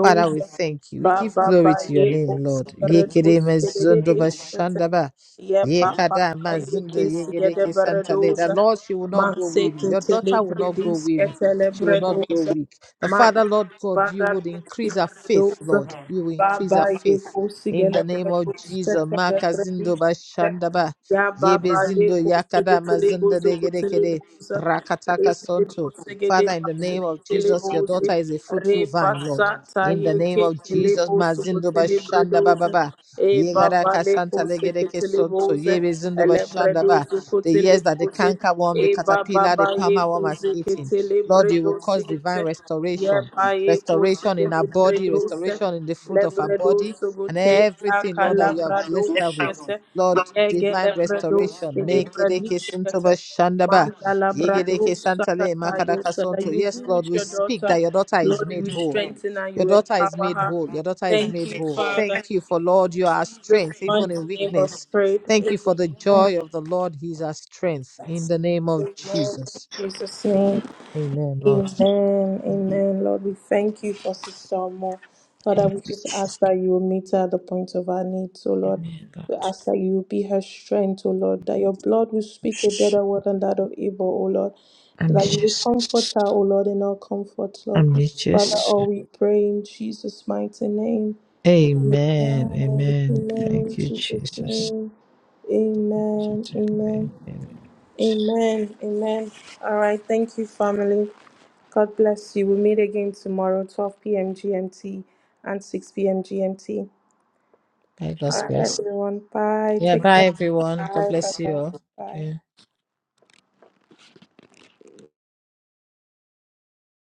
S2: Father, we thank you. We give
S1: Baba,
S2: glory to your
S1: Baye,
S2: name,
S1: Os,
S2: Lord. Yekere mezundo
S1: Redos,
S2: bashandaba.
S1: Ye papa
S2: Yekada
S1: ye
S2: mazundo
S1: kesi ye de
S2: yegereke santale. That
S1: beredoza.
S2: Lord, she will not grow
S1: Manse
S2: weary.
S1: ke
S2: Your daughter will not grow
S1: telebredis ke
S2: weary. She will not grow
S1: telebredoza.
S2: weak. The
S1: Ma
S2: Father, Lord God, you would
S1: baradusi
S2: increase her faith,
S1: beredoza.
S2: Lord. You will increase
S1: Baba
S2: her
S1: ye
S2: faith.
S1: kosi
S2: In
S1: gele
S2: the name of
S1: beredoza
S2: Jesus,
S1: ke
S2: Makazindo
S1: telebredis
S2: Bashandaba.
S1: Ya
S2: Yebe
S1: baba ye
S2: zindo
S1: kosege
S2: yakada
S1: tele
S2: mazinda
S1: bozo kotele
S2: degerekere
S1: boza re
S2: rakataka
S1: tele
S2: sonto.
S1: bozege de
S2: Father, in the name
S1: basege
S2: of
S1: tele
S2: Jesus, your
S1: boze
S2: daughter is a
S1: re
S2: fruitful vine, Lord.
S1: pasata
S2: In
S1: ye
S2: the name
S1: ke
S2: of
S1: tele
S2: Jesus,
S1: bozo
S2: mazindo
S1: kotele
S2: bashanda
S1: bredoza
S2: bababa.
S1: e
S2: Yegara
S1: baba le
S2: kasanta
S1: kosege
S2: legereke
S1: tele
S2: sonto.
S1: boze
S2: Yebe zindo
S1: ele
S2: bashanda ba.
S1: bredozo
S2: The
S1: kotele
S2: years that the
S1: boze
S2: canker worm,
S1: e
S2: the
S1: baba
S2: caterpillar,
S1: ba
S2: the
S1: ye
S2: palmer worm has
S1: kosege
S2: eaten.
S1: tele
S2: Lord, you will
S1: bredoze
S2: cause
S1: gete
S2: divine
S1: ye
S2: restoration.
S1: ba ye
S2: Restoration
S1: kosege
S2: in our body,
S1: bredoze
S2: restoration in the fruit of our
S1: Lebredo
S2: body, and
S1: sogote ya
S2: everything, Lord, that you have
S1: kalabrado
S2: blessed her with.
S1: shete
S2: Lord
S1: ege
S2: divine
S1: lebredo
S2: restoration.
S1: celebradi
S2: Mekereke
S1: shete
S2: suntoba shandaba.
S1: manda labrado
S2: Yegereke santale
S1: sakata yo
S2: makadaka
S1: sada.
S2: sonto.
S1: You be
S2: Yes,
S1: with
S2: Lord, we
S1: your
S2: speak
S1: daughter,
S2: that your daughter is
S1: Lord.
S2: made
S1: You
S2: whole.
S1: strengthen her,
S2: Your
S1: you
S2: daughter is
S1: empower
S2: made
S1: her.
S2: whole. Your daughter is
S1: Thank
S2: made
S1: you,
S2: whole. Thank
S1: Father.
S2: you for Lord, you are our
S1: In Jesus'
S2: strength, even
S1: mighty
S2: in
S1: name of
S2: weakness.
S1: prayer.
S2: Thank you for the
S1: Amen.
S2: joy of the Lord. He's our strength. In the name of
S1: Amen. In
S2: Jesus.
S1: Jesus' name.
S2: Amen, Lord.
S1: Amen. Amen. Lord, we thank you for Sister Mo. Lord, I
S2: Thank
S1: would
S2: you,
S1: just ask
S2: Jesus.
S1: that you will meet her at the point of her need. So, Lord,
S2: Amen,
S1: we
S2: Lord.
S1: ask that you will be her strength, O Lord, that your blood will speak a better word than that of Abel, O Lord,
S2: I'm
S1: that you will comfort her,
S2: just,
S1: O Lord, in our comfort, Lord.
S2: I'm
S1: Father,
S2: just.
S1: all we pray in Jesus' mighty name.
S2: Amen.
S1: Amen.
S2: Amen. Thank
S1: Amen. In
S2: you,
S1: Jesus'
S2: Jesus.
S1: name. Amen. Amen. Amen. Amen. All right. Thank you, family. God bless you. We'll meet again tomorrow, 12 p.m. GMT and 6 p.m. GMT. All
S2: Lagos
S1: right,
S2: grace,
S1: everyone. Bye.
S2: Yeah,
S1: Take care.
S2: bye everyone.
S1: Bye.
S2: God
S1: Bye.
S2: bless you all.
S1: Bye. Bye.
S2: Yeah.